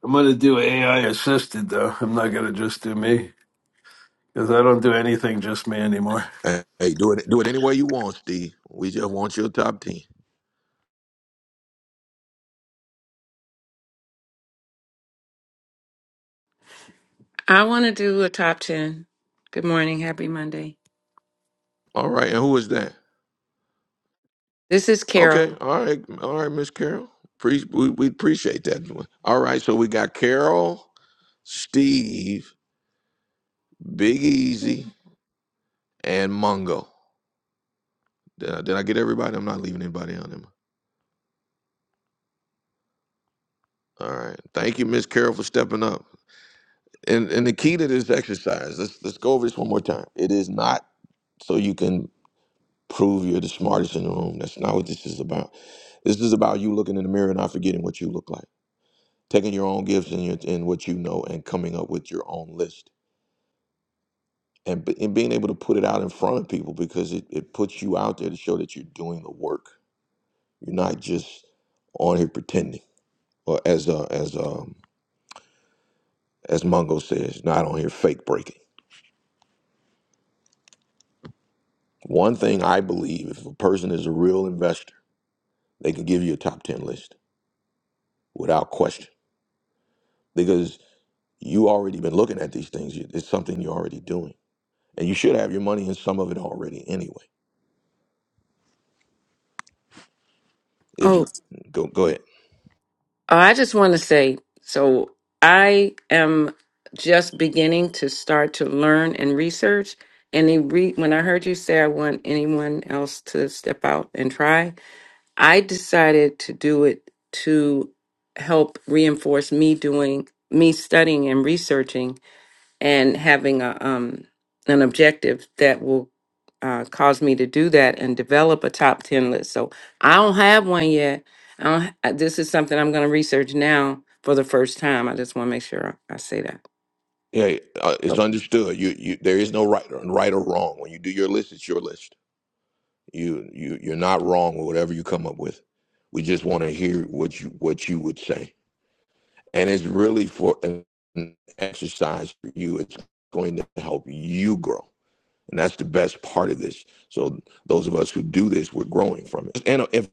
Speaker 9: I'm gonna do AI assisted though. I'm not gonna just do me because I don't do anything just me anymore.
Speaker 1: Hey, hey, do it do it any way you want, Steve. We just want your top ten.
Speaker 10: I want to do a top 10. Good morning. Happy Monday.
Speaker 1: All right, and who is that?
Speaker 10: This is
Speaker 1: Okay,
Speaker 10: Carol.
Speaker 1: all right, all right, Miss Carol. Pre- we, we appreciate that. All right, so we got Carol, Steve, Big Easy, and Mungo. Did I, did I get everybody? I'm not leaving anybody out on him. All right, thank you, Miss Carol, for stepping up. And and the key to this exercise, let's let's go over this one more time. It is not so you can prove you're the smartest in the room. That's not what this is about. This is about you looking in the mirror and not forgetting what you look like, taking your own gifts and your and what you know, and coming up with your own list and, b- and being able to put it out in front of people because it, it puts you out there to show that you're doing the work. You're not just on here pretending, or as uh, as um, as Mongo says, not on here fake breaking. One thing I believe, if a person is a real investor, they can give you a top ten list without question because you already been looking at these things. You- It's something you're already doing, and you should have your money in some of it already anyway. If
Speaker 10: Oh,
Speaker 1: you go go ahead.
Speaker 10: I just want to say so I am just beginning to start to learn and research. And they re- when I heard you say I want anyone else to step out and try, I decided to do it to help reinforce me doing, me studying and researching and having a um an objective that will uh, cause me to do that and develop a top 10 list. So I don't have one yet. I don't, ha- this is something I'm going to research now for the first time. I just want to make sure I say that.
Speaker 1: Yeah, uh, it's understood. You, you, there is no right or right or wrong. When you do your list, it's your list. You, you, you're not wrong with whatever you come up with. We just want to hear what you, what you would say, and it's really for an exercise for you. It's going to help you grow, and that's the best part of this. So those of us who do this, we're growing from it. And if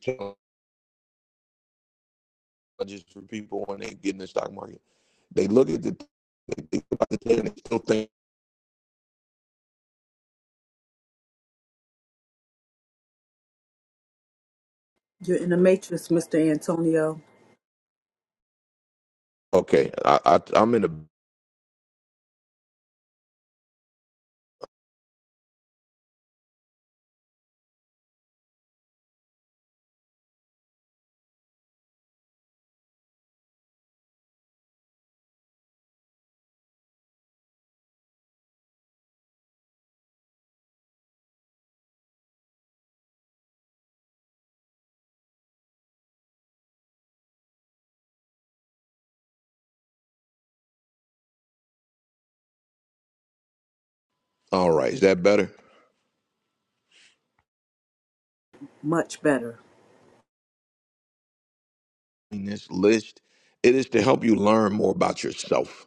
Speaker 1: challenges for people when they get in the stock market, they look at the, they think about the thing, and they still think,
Speaker 2: You're in the matrix, Mr. Antonio.
Speaker 1: okay, I, I, I'm in a All right, is that better?
Speaker 2: Much better.
Speaker 1: In this list, it is to help you learn more about yourself.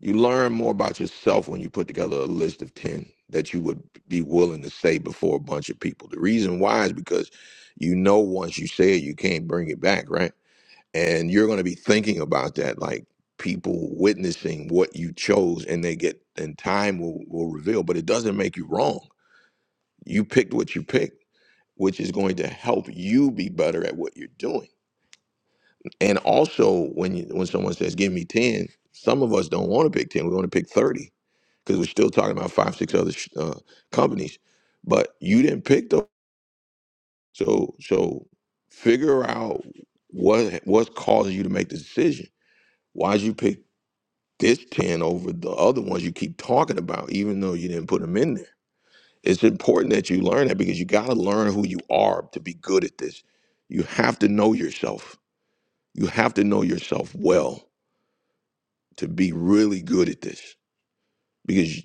Speaker 1: You learn more about yourself when you put together a list of 10 that you would be willing to say before a bunch of people. The reason why is because you know once you say it, you can't bring it back, right? And you're going to be thinking about that, like people witnessing what you chose, and they get, and time will, will reveal, but it doesn't make you wrong. You picked what you picked, which is going to help you be better at what you're doing And also, when you, when someone says, "Give me 10," some of us don't want to pick ten. We want to pick thirty because we're still talking about five, six other sh- uh, companies. But you didn't pick those, so so figure out what what's causing you to make the decision. Why did you pick this ten over the other ones you keep talking about, even though you didn't put them in there? It's important that you learn that because you got to learn who you are to be good at this. You have to know yourself. You have to know yourself well to be really good at this because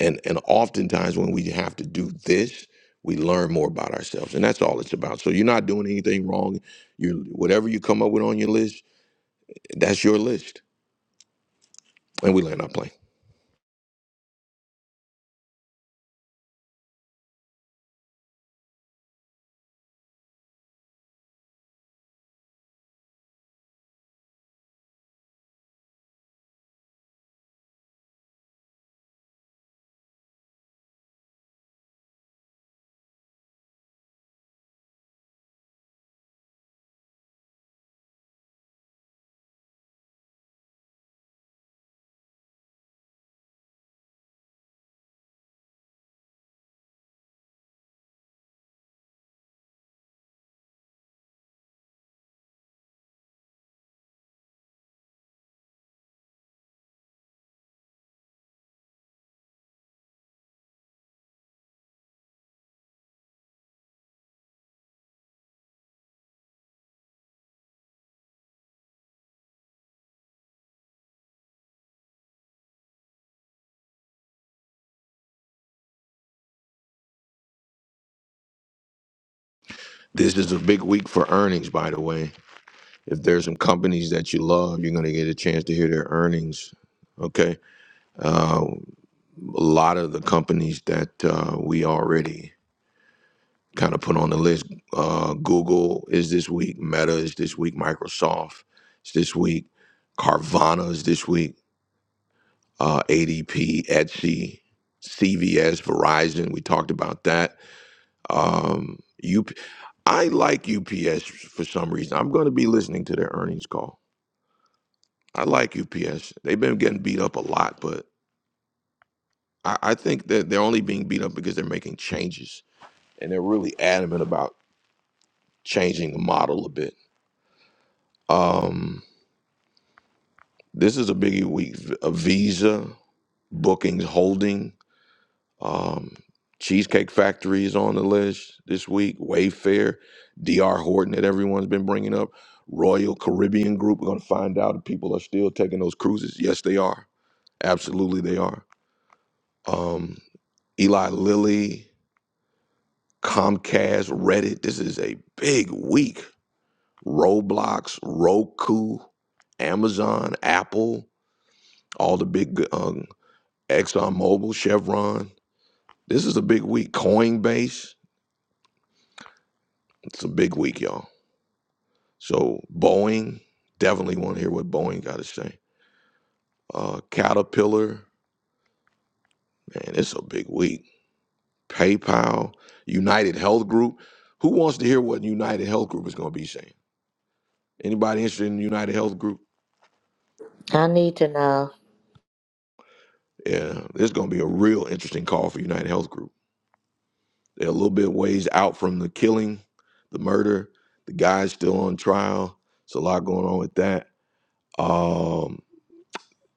Speaker 1: and and oftentimes when we have to do this we learn more about ourselves and that's all it's about so you're not doing anything wrong you whatever you come up with on your list that's your list and we land our plane this is a big week for earnings by the way if there's some companies that you love you're going to get a chance to hear their earnings okay uh, a lot of the companies that uh, we already kind of put on the list. Uh, Google is this week, Meta is this week, Microsoft is this week, Carvana is this week, uh, ADP, Etsy, CVS, Verizon. We talked about that. Um, UP- like UPS for some reason. I'm going to be listening to their earnings call. I like UPS. They've been getting beat up a lot, but I, I think that they're only being beat up because they're making changes and they're really adamant about changing the model a bit. Um, This is a biggie week. A Visa, Bookings Holding, um, Cheesecake Factory is on the list this week. Wayfair, DR Horton that everyone's been bringing up. Royal Caribbean Group. We're going to find out if people are still taking those cruises. Yes, they are. Absolutely, they are. Um, Eli Lilly, Comcast, Reddit. This is a big week. Roblox, Roku, Amazon, Apple, all the big um, ExxonMobil, Chevron. This is a big week. Coinbase, it's a big week, y'all. So Boeing, definitely want to hear what Boeing got to say. Uh, Caterpillar, man, it's a big week. PayPal, United Health Group. Who wants to hear what United Health Group is going to be saying? Anybody interested in United Health Group?
Speaker 3: I need to know.
Speaker 1: Yeah, there's going to be a real interesting call for United Health Group. They're a little bit ways out from the killing, the murder. The guy's still on trial. It's a lot going on with that. Um,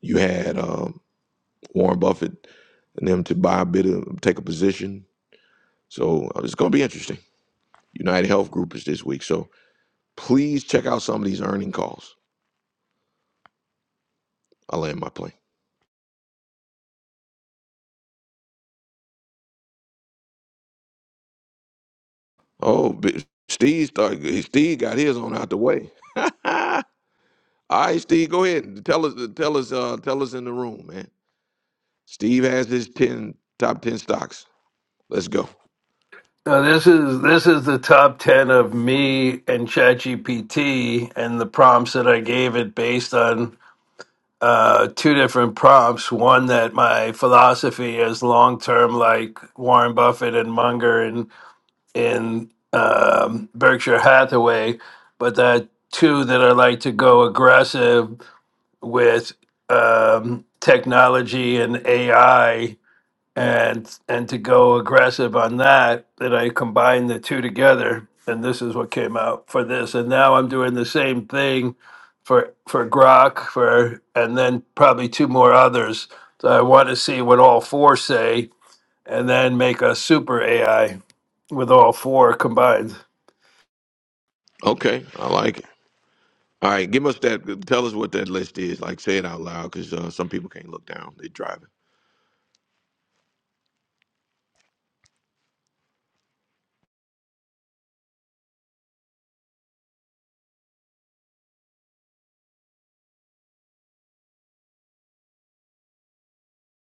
Speaker 1: you had um, Warren Buffett and them to buy a bit of take a position. So uh, it's going to be interesting. United Health Group is this week, so please check out some of these earning calls. I land my plane. Oh, bi- Steve started, Steve got his on out the way. All right, Steve, go ahead and tell us tell us uh, tell us in the room, man. Steve has his ten top ten stocks. Let's go.
Speaker 9: Now this is this is the top ten of me and ChatGPT and the prompts that I gave it based on uh, two different prompts. One that my philosophy is long term, like Warren Buffett and Munger, and. in um, Berkshire Hathaway, but there are two that I like to go aggressive with um, technology and AI, and and to go aggressive on that. That I combine the two together, and this is what came out for this. And now I'm doing the same thing for for Grok for, and then probably two more others. So I want to see what all four say, and then make a super AI with all four combined.
Speaker 1: Okay, I like it. All right, give us that. Tell us what that list is. Like, say it out loud, because uh, some people can't look down. They're driving.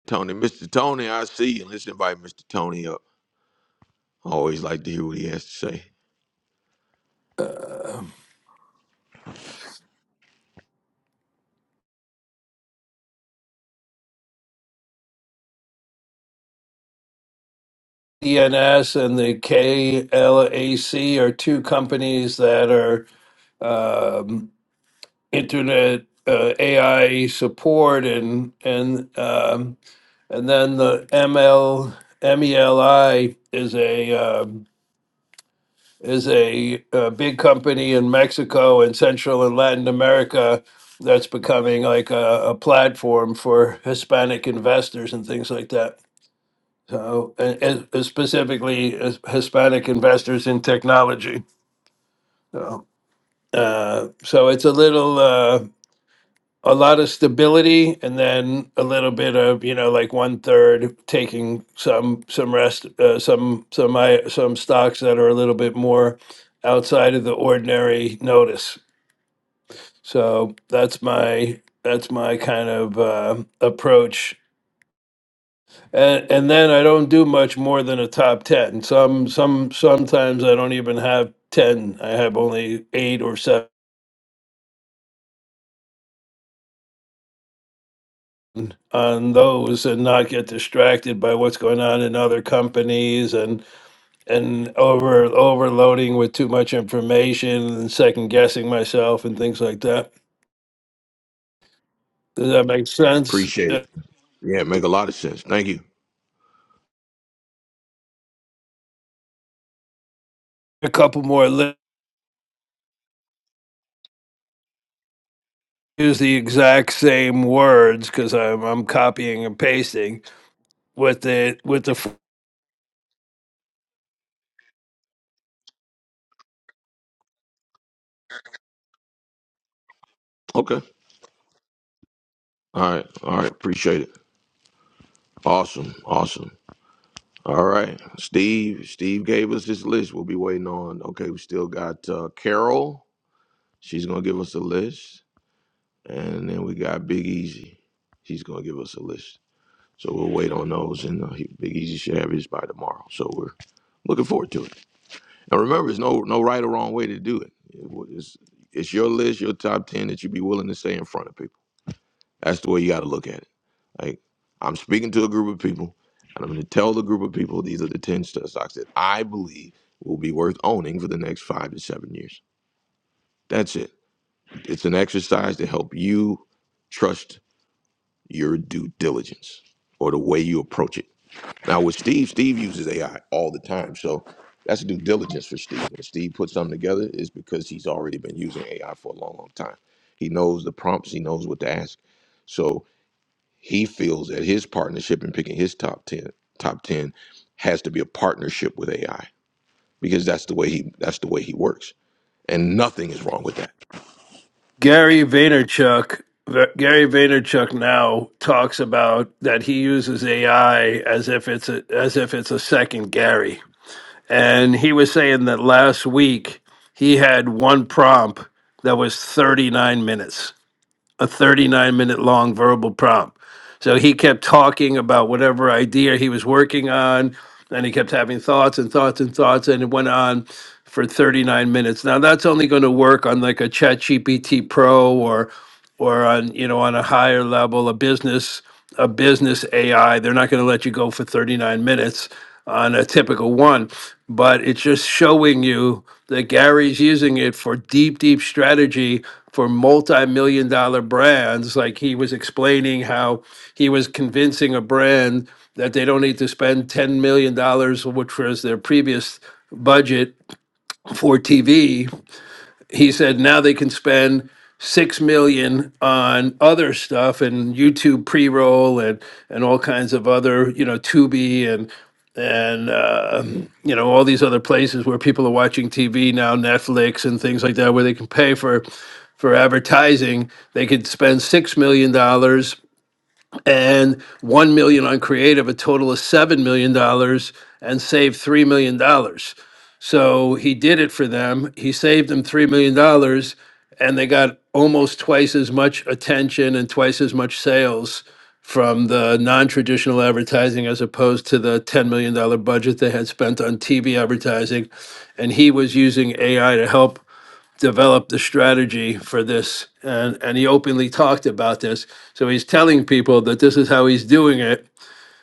Speaker 1: Tony, Mr. Tony, I see you. Let's invite Mr. Tony up. I always like to hear what he has to say.
Speaker 9: DNS and the KLAC are two companies that are um, internet uh, AI support and and um, and then the M L M E L I is a um, is a, uh big company in Mexico and Central and Latin America that's becoming like a, a platform for Hispanic investors and things like that. So, and, and specifically uh, Hispanic investors in technology. So, uh, so it's a little, uh, a lot of stability, and then a little bit of you know, like one third taking some some rest, uh, some some I, some stocks that are a little bit more outside of the ordinary notice. So that's my that's my kind of uh, approach and and then I don't do much more than a top ten. Some some sometimes I don't even have ten. I have only eight or seven on those, and not get distracted by what's going on in other companies and and over overloading with too much information and second guessing myself and things like that. Does that make sense?
Speaker 1: Appreciate
Speaker 9: Uh,
Speaker 1: it. Yeah, it make a lot of sense. Thank you.
Speaker 9: A couple more. Li- use the exact same words because I'm I'm copying and pasting with the with the
Speaker 1: Okay. All right. All right. Appreciate it. Awesome. Awesome. All right. Steve. Steve gave us his list. We'll be waiting on. Okay, we still got uh, Carol. She's gonna give us a list, and then we got Big Easy. He's gonna give us a list. So we'll wait on those, and uh, he- Big Easy should have his by tomorrow. So we're looking forward to it. And remember, there's no no right or wrong way to do it. It wa- It's it's your list, your top ten that you be willing to say in front of people. That's the way you got to look at it. Like I'm speaking to a group of people, and I'm going to tell the group of people these are the ten st- stocks that I believe will be worth owning for the next five to seven years. That's it. It's an exercise to help you trust your due diligence or the way you approach it. Now with Steve, Steve uses AI all the time, so that's due diligence for Steve. When Steve puts something together, it's because he's already been using AI for a long, long time. He knows the prompts, he knows what to ask, so he feels that his partnership in picking his top ten, top ten, has to be a partnership with AI because that's the way he that's the way he works, and nothing is wrong with that.
Speaker 9: Gary Vaynerchuk, Ver- Gary Vaynerchuk now talks about that he uses AI as if it's a, as if it's a second Gary. And he was saying that last week he had one prompt that was 39 minutes a 39 minute long verbal prompt. So he kept talking about whatever idea he was working on, and he kept having thoughts and thoughts and thoughts, and it went on for 39 minutes. Now, that's only going to work on like a Chat GPT Pro or or on you know on a higher level a business a business ai they're not going to let you go for 39 minutes on a typical one but it's just showing you that gary's using it for deep deep strategy for multi-million dollar brands like he was explaining how he was convincing a brand that they don't need to spend $10 million dollars, which was their previous budget for tv he said now they can spend six million on other stuff and YouTube pre-roll and and all kinds of other you know Tubi and and uh, you know all these other places where people are watching TV now Netflix and things like that where they can pay for for advertising they could spend six million dollars and 1 million on creative a total of 7 million dollars and saved 3 million dollars so he did it for them he saved them 3 million dollars and they got almost twice as much attention and twice as much sales from the non-traditional advertising as opposed to the 10 million dollar budget they had spent on TV advertising and he was using AI to help developed the strategy for this and, and he openly talked about this. So he's telling people that this is how he's doing it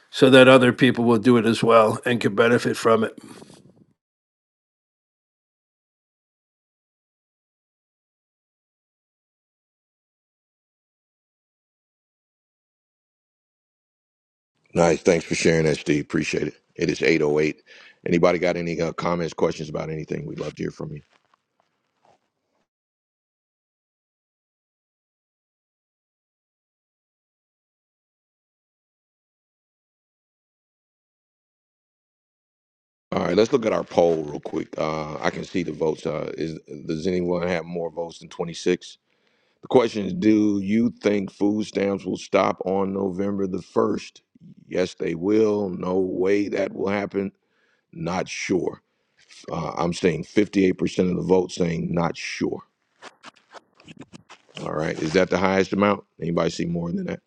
Speaker 9: so that other people will do it as well and can benefit from it.
Speaker 1: Nice, thanks for sharing that, Steve. Appreciate it. It is eight oh eight. Anybody got any uh, comments, questions about anything? We'd love to hear from you. All right, let's look at our poll real quick. Uh, I can see the votes. Uh, is does anyone have more votes than twenty six? The question is, do you think food stamps will stop on November the first? Yes, they will. No way that will happen. Not sure. Uh, I'm seeing fifty eight percent of the vote saying not sure. All right, is that the highest amount? Anybody see more than that?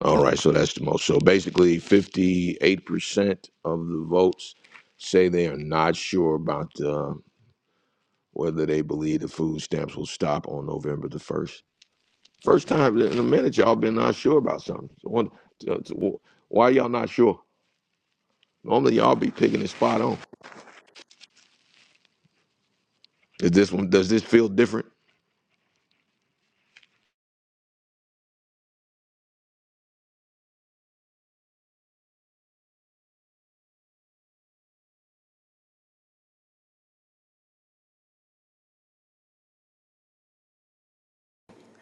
Speaker 1: All right, so that's the most. So basically, fifty eight percent of the votes say they are not sure about. uh, whether they believe the food stamps will stop on November the 1st. First time in a minute y'all been not sure about something. So what- uh, so why y'all not sure? Normally y'all be picking it spot on. Is this one? Does this feel different?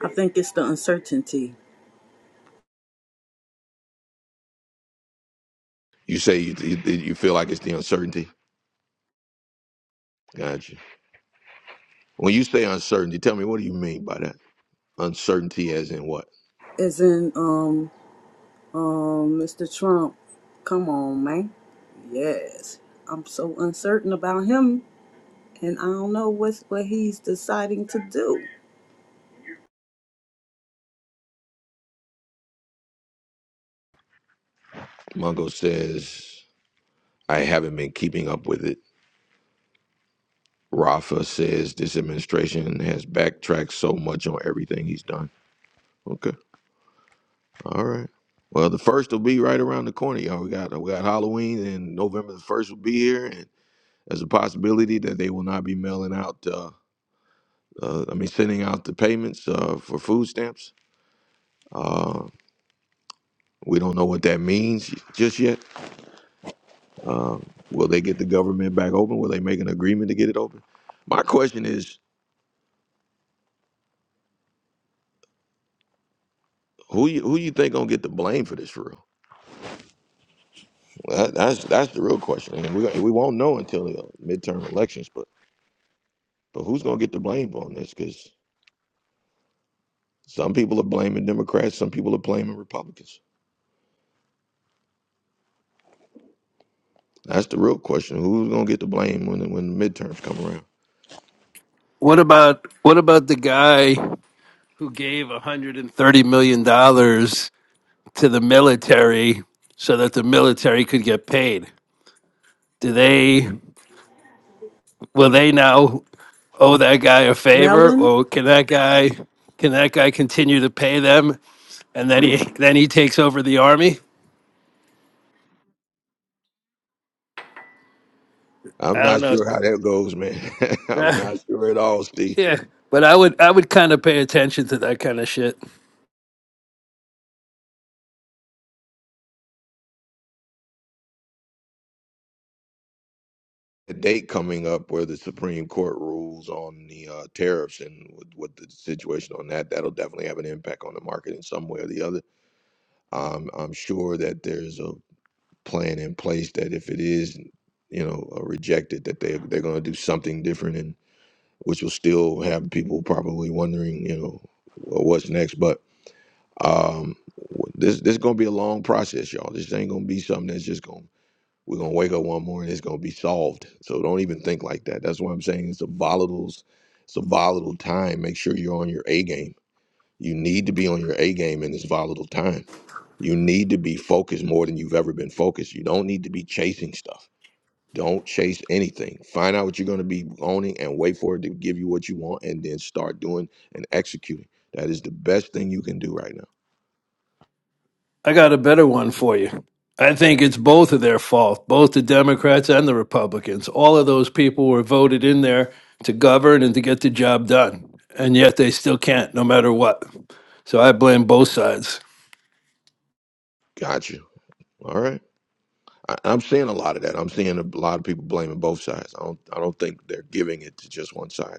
Speaker 2: I think it's the uncertainty.
Speaker 1: You say you, you, you feel like it's the uncertainty. Gotcha. When you say uncertainty, tell me what do you mean by that? Uncertainty as in what?
Speaker 2: As in, um. Um, Mr. Trump, come on, man. Yes, I'm so uncertain about him, and I don't know what's what he's deciding to do.
Speaker 1: Mongo says I haven't been keeping up with it. Rafa says this administration has backtracked so much on everything he's done. Okay. All right. Well, the first will be right around the corner, y'all. We got we got Halloween, and November the first will be here, and there's a possibility that they will not be mailing out. Uh, uh, I mean, sending out the payments uh, for food stamps. Uh, we don't know what that means just yet. Uh, will they get the government back open? Will they make an agreement to get it open? My question is, who you, who you think gonna get the blame for this? For real, Well, that, that's that's the real question, and we we won't know until the uh, midterm elections. But but who's gonna get the blame on this? Because Some people are blaming Democrats. Some people are blaming Republicans. That's the real question. Who's gonna get the blame when when the midterms come around?
Speaker 9: What about what about the guy who gave 130 million dollars to the military so that the military could get paid? Do they will they now owe that guy a favor
Speaker 2: Melon.
Speaker 9: or can that guy can that guy continue to pay them and then he then he takes over the army?
Speaker 1: I'm
Speaker 9: I don't
Speaker 1: not
Speaker 9: know.
Speaker 1: sure how that goes, man. I'm not sure at all, Steve.
Speaker 9: yeah, but I would I would kind of pay attention to that kind of shit.
Speaker 1: The date coming up where the Supreme Court rules on the uh, tariffs and what, what the situation on that that'll definitely have an impact on the market in some way or the other. Um, I'm sure that there's a plan in place that if it is, you know, uh, rejected, that they they're going to do something different and. which will still have people probably wondering, you know, well, what's next. But um, this this is gonna be a long process, y'all. This ain't gonna be something that's just gonna we're gonna wake up one morning. It's gonna be solved. So don't even think like that. That's why I'm saying it's a volatile, it's a volatile time. Make sure you're on your A game. You need to be on your A game in this volatile time. You need to be focused more than you've ever been focused. You don't need to be chasing stuff don't chase anything. Find out what you're going to be owning and wait for it to give you what you want and then start doing and executing. That is the best thing you can do right now.
Speaker 9: I got a better one for you. I think it's both of their fault, both the Democrats and the Republicans. All of those people were voted in there to govern and to get the job done, and yet they still can't, no matter what. So I blame both sides.
Speaker 1: Got you. All right. I, I'm seeing a lot of that. I'm seeing a lot of people blaming both sides. I don't I don't think they're giving it to just one side.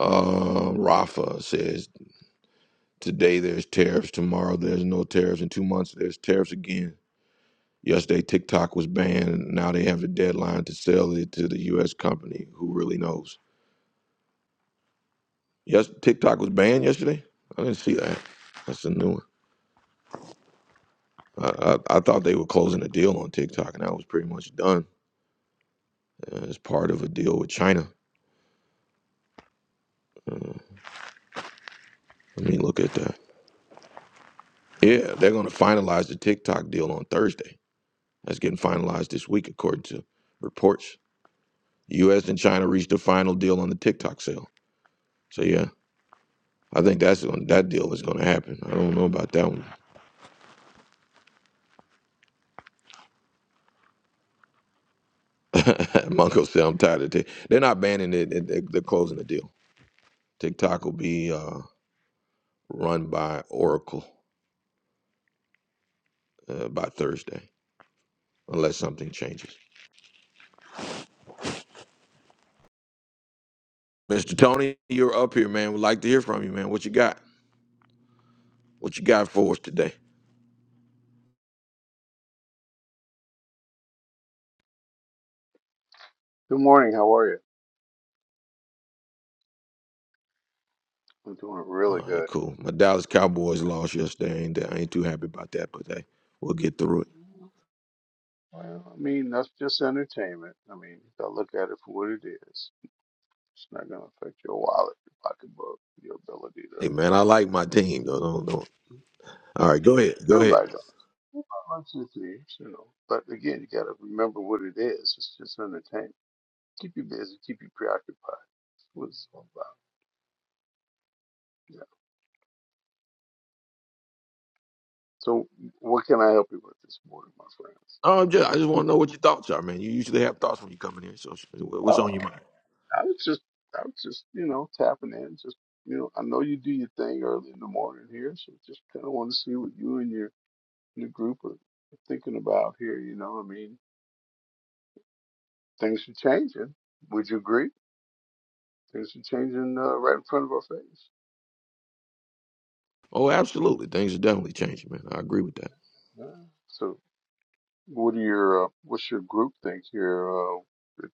Speaker 1: Uh, Rafa says today there's tariffs, tomorrow there's no tariffs, in two months there's tariffs again. Yesterday, TikTok was banned. Now they have the deadline to sell it to the U.S. company. Who really knows? Yes, TikTok was banned yesterday. I didn't see that. That's a new one. I, I, I thought they were closing a deal on TikTok, and that was pretty much done uh, as part of a deal with China. Uh, let me look at that. Yeah, they're going to finalize the TikTok deal on Thursday. That's getting finalized this week, according to reports. U.S. and China reached a final deal on the TikTok sale. So yeah, I think that's going that deal is going to happen. I don't know about that one. Mongo said, I'm tired of Tik. They're not banning it. it- it- They're closing the deal. TikTok will be uh, run by Oracle uh, by Thursday, unless something changes. Mr. Tony, you're up here, man. We'd like to hear from you, man. What you got? What you got for us today?
Speaker 11: Good morning. How are you? I'm doing
Speaker 1: All
Speaker 11: really
Speaker 1: right,
Speaker 11: good.
Speaker 1: cool. My Dallas Cowboys lost yesterday. I ain't, I ain't too happy about that, but hey, we'll get through it.
Speaker 11: Well, I mean, that's just entertainment. I mean, you gotta look at it for what it is. It's not gonna affect your wallet, your pocketbook, your ability to.
Speaker 1: Hey, man, I like my team, though. Don't, don't. All right, go ahead. Go ahead.
Speaker 11: Everybody does. Everybody likes their things, you know. But again, you gotta remember what it is. It's just entertainment. Keep you busy. Keep you preoccupied. That's what it's all about. Yeah. So, what can I help you with this morning, my friends?
Speaker 1: Oh, I'm just, I just want to know what your thoughts are, man. You usually have thoughts when you come in here. So, what's
Speaker 11: Oh.
Speaker 1: on your mind?
Speaker 11: I was just, I was just, you know, tapping in. Just, you know, I know you do your thing early in the morning here, so just kind of want to see what you and your your group are thinking about here. You know, I mean, things are changing. Would you agree? Things are changing uh, right in front of our face.
Speaker 1: Oh, absolutely. Things are definitely changing, man. I agree with that.
Speaker 11: Yeah. So, what are your, uh, what's your group think here? Uh,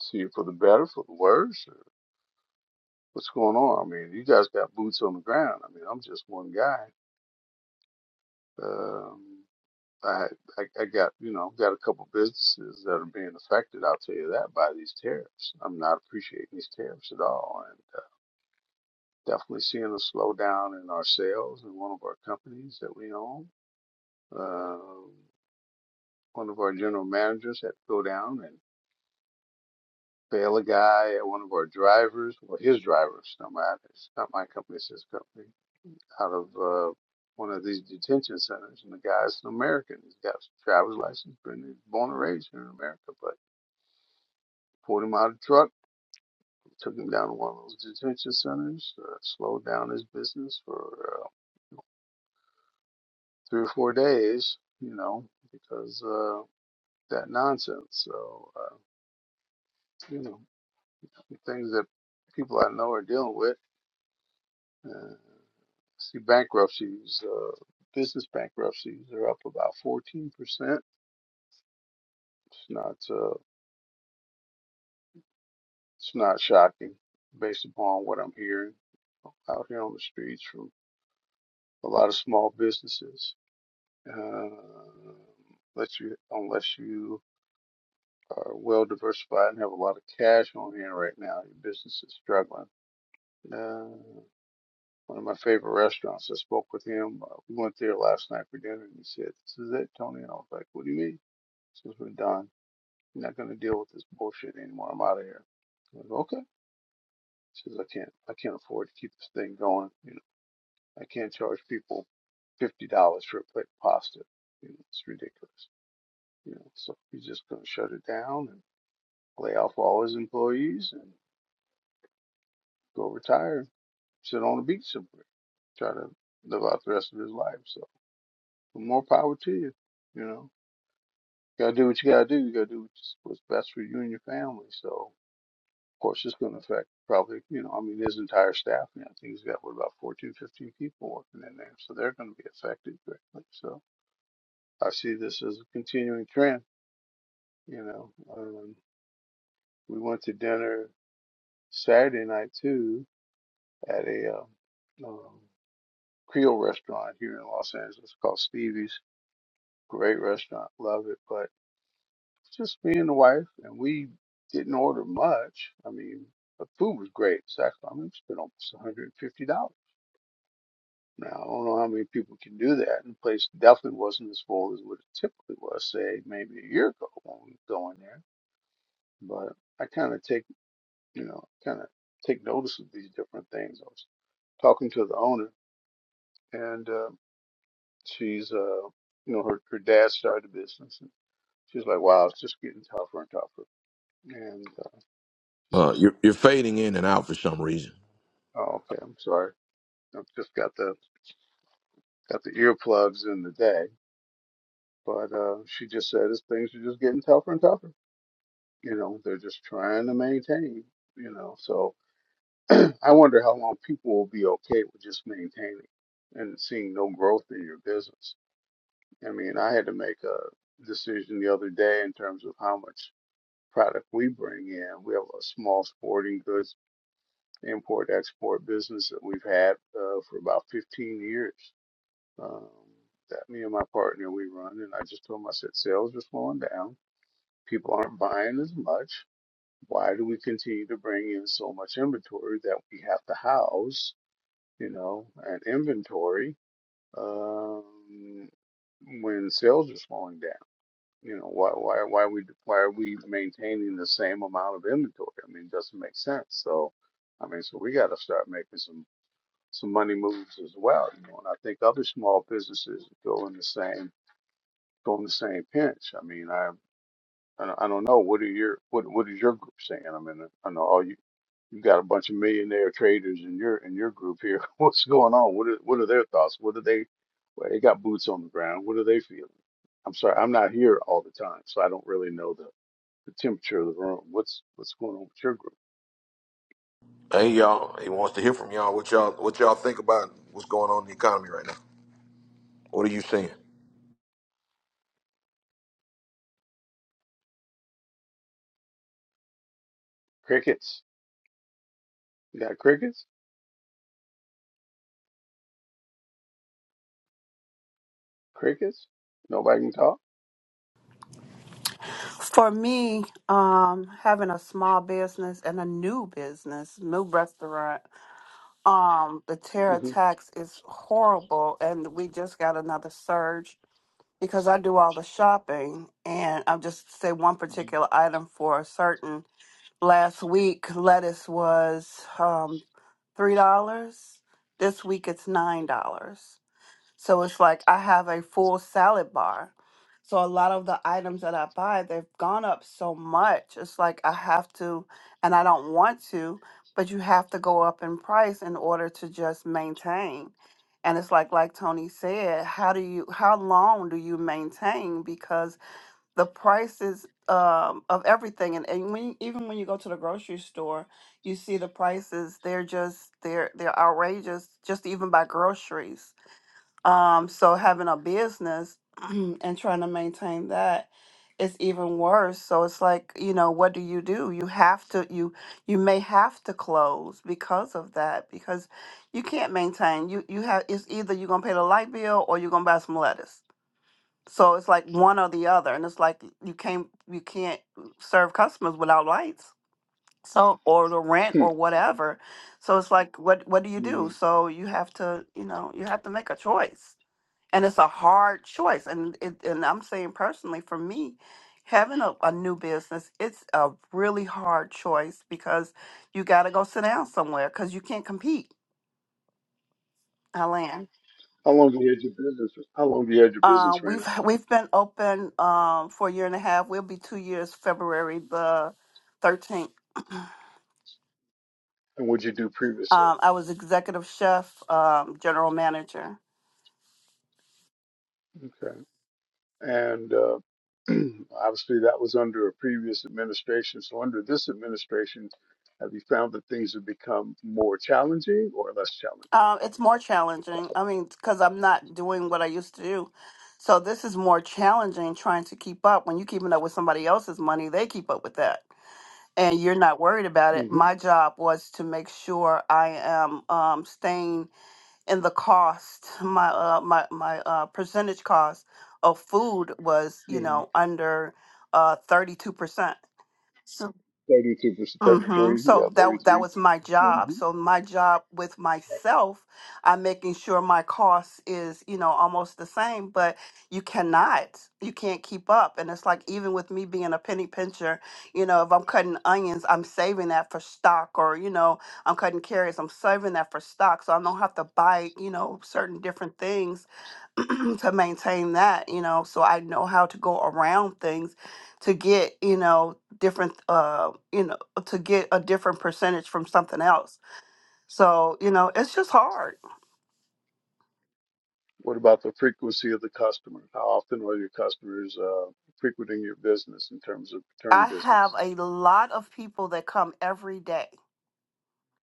Speaker 11: see it for the better, for the worse, or what's going on? I mean, you guys got boots on the ground. I mean, I'm just one guy. Um I, I I got you know got a couple businesses that are being affected. I'll tell you that by these tariffs. I'm not appreciating these tariffs at all, and uh, definitely seeing a slowdown in our sales in one of our companies that we own. Uh, one of our general managers had to go down and fail a guy at one of our drivers. Well, his drivers, not my it's not my company, it's his company. Out of uh, one of these detention centers, and the guy's an American. He's got a driver's license, been born and raised here in America, but Pulled him out of the truck, took him down to one of those detention centers, uh, slowed down his business for uh, three or four days, you know, because uh, that nonsense. So, uh, you know, things that people I know are dealing with. Uh, see, bankruptcies, uh, business bankruptcies are up about 14%. It's not, uh, it's not shocking based upon what I'm hearing out here on the streets from a lot of small businesses. Um unless you unless you are well diversified and have a lot of cash on hand right now, your business is struggling. Uh, one of my favorite restaurants. I spoke with him. Uh, we went there last night for dinner, and he said, "This is it, Tony." And I was like, "What do you mean?" He says, "We're done. I'm not going to deal with this bullshit anymore. I'm out of here." I was like, okay. He says, "I can't. I can't afford to keep this thing going. You know, I can't charge people fifty dollars for a plate of pasta. You know, it's ridiculous." You know, so he's just going to shut it down and lay off all his employees and go retire and sit on a beach somewhere, try to live out the rest of his life. So more power to you. You know, gotta do what you gotta do. You gotta do what's best for you and your family. So of course it's going to affect probably, you know, I mean his entire staff. You know, I think he's got what about 14, 15 people working in there, so they're going to be affected greatly. So I see this as a continuing trend. You know, um, we went to dinner Saturday night too at a um, um, Creole restaurant here in Los Angeles called Stevie's. Great restaurant, love it. But it's just me and the wife, and we didn't order much. I mean, the food was great. So that's- I mean, we spent almost one hundred and fifty dollars. Now I don't know how many people can do that, and the place definitely wasn't as full as what it typically was, say maybe a year ago when we were going there. But I kind of take, you know, kind of take notice of these different things. I was talking to the owner, and um she's uh you know her her dad started a business and she's like wow it's just getting tougher and tougher and uh, she says
Speaker 1: Uh, you're you're fading in and out for some reason.
Speaker 11: oh okay i'm sorry i've just got the got the earplugs in the day but uh she just said as things are just getting tougher and tougher you know they're just trying to maintain you know so i wonder how long people will be okay with just maintaining and seeing no growth in your business i mean i had to make a decision the other day in terms of how much product we bring in. We have a small sporting goods import export business that we've had uh, for about 15 years. Um, that me and my partner we run, and I just told him I said sales are slowing down. People aren't buying as much. Why do we continue to bring in so much inventory that we have to house, you know, an inventory um, when sales are slowing down? You know, why why why we why are we maintaining the same amount of inventory? I mean, it doesn't make sense. So, I mean, so we got to start making some some money moves as well. You know, and I think other small businesses go in the same go in the same pinch. I mean, I I don't I don't know. What are your what what is your group saying? I mean, I know all you you got a bunch of millionaire traders in your in your group here. What's going on? What are what are their thoughts? What are they? Well, they got boots on the ground. What are they feeling? I'm sorry, I'm not here all the time, so I don't really know the the temperature of the room. What's what's going on with your group?
Speaker 1: Hey, y'all. He wants to hear from y'all. What y'all what y'all think about what's going on in the economy right now? What are you seeing?
Speaker 11: Crickets. You got crickets? Crickets? Nobody can talk.
Speaker 12: For me, um, having a small business and a new business, new restaurant, um, the terror
Speaker 11: hmm
Speaker 12: tax is horrible, and we just got another surge because I do all the shopping, and I'll just say one particular item for a certain. Last week, lettuce was um, three dollars. This week, it's nine dollars. So it's like I have a full salad bar. So a lot of the items that I buy, they've gone up so much. It's like I have to, and I don't want to, but you have to go up in price in order to just maintain. And it's like like Tony said, how do you how long do you maintain because the prices um, of everything and, and when, even when you go to the grocery store, you see the prices, they're just they're they're outrageous just to even by groceries um, so having a business and trying to maintain that is even worse. So it's like, you know, what do you do? You have to you you may have to close because of that, because you can't maintain. You you have it's either you're gonna pay the light bill or you're gonna buy some lettuce. So it's like one or the other. And it's like you can't you can't serve customers without lights. So or the rent
Speaker 11: Hmm.
Speaker 12: or whatever. So it's like what what do you do?
Speaker 11: Mhm.
Speaker 12: So you have to, you know, you have to make a choice and it's a hard choice and it, and i'm saying personally for me having a, a new business it's a really hard choice because you got to go sit down somewhere because you can't compete Alan.
Speaker 11: How long have you had your business? How long have you had your
Speaker 12: uh,
Speaker 11: business, Raina?
Speaker 12: we've we've been open um, for a year and a half we'll be two years february the 13th
Speaker 11: And what did you do previously?
Speaker 12: um, i was executive chef um, general manager
Speaker 11: Okay. And uh, obviously, that was under a previous administration. So, under this administration, have you found that things have become more challenging or less
Speaker 12: Uh, it's more challenging. I mean, because I'm not doing what I used to do. So this is more challenging trying to keep up. When you're keeping up with somebody else's money, they keep up with that. And you're not worried about it.
Speaker 11: challenging?
Speaker 12: My job was to make sure I am um, staying in the cost. My uh, my my uh, percentage cost of food was, you
Speaker 11: Mm-hmm.
Speaker 12: know, under uh, thirty-two percent.
Speaker 11: 32 versus
Speaker 12: Mm-hmm.
Speaker 11: 33.
Speaker 12: So
Speaker 11: Yeah,
Speaker 12: that that was my job.
Speaker 11: 33.
Speaker 12: So my job with myself, I'm making sure my cost is, you know, almost the same, but you cannot. You can't keep up. And it's like even with me being a penny pincher, you know, if I'm cutting onions, I'm saving that for stock or, you know, I'm cutting carrots, I'm saving that for stock. So I don't have to buy, you know, certain different things to maintain that, you know, so I know how to go around things to get, you know, different uh, you know, to get a different percentage from something else. So, you know, it's just hard.
Speaker 11: What about the frequency of the customer? How often are your customers uh, frequenting your business in terms of return
Speaker 12: I have
Speaker 11: business?
Speaker 12: a lot of people that come every day.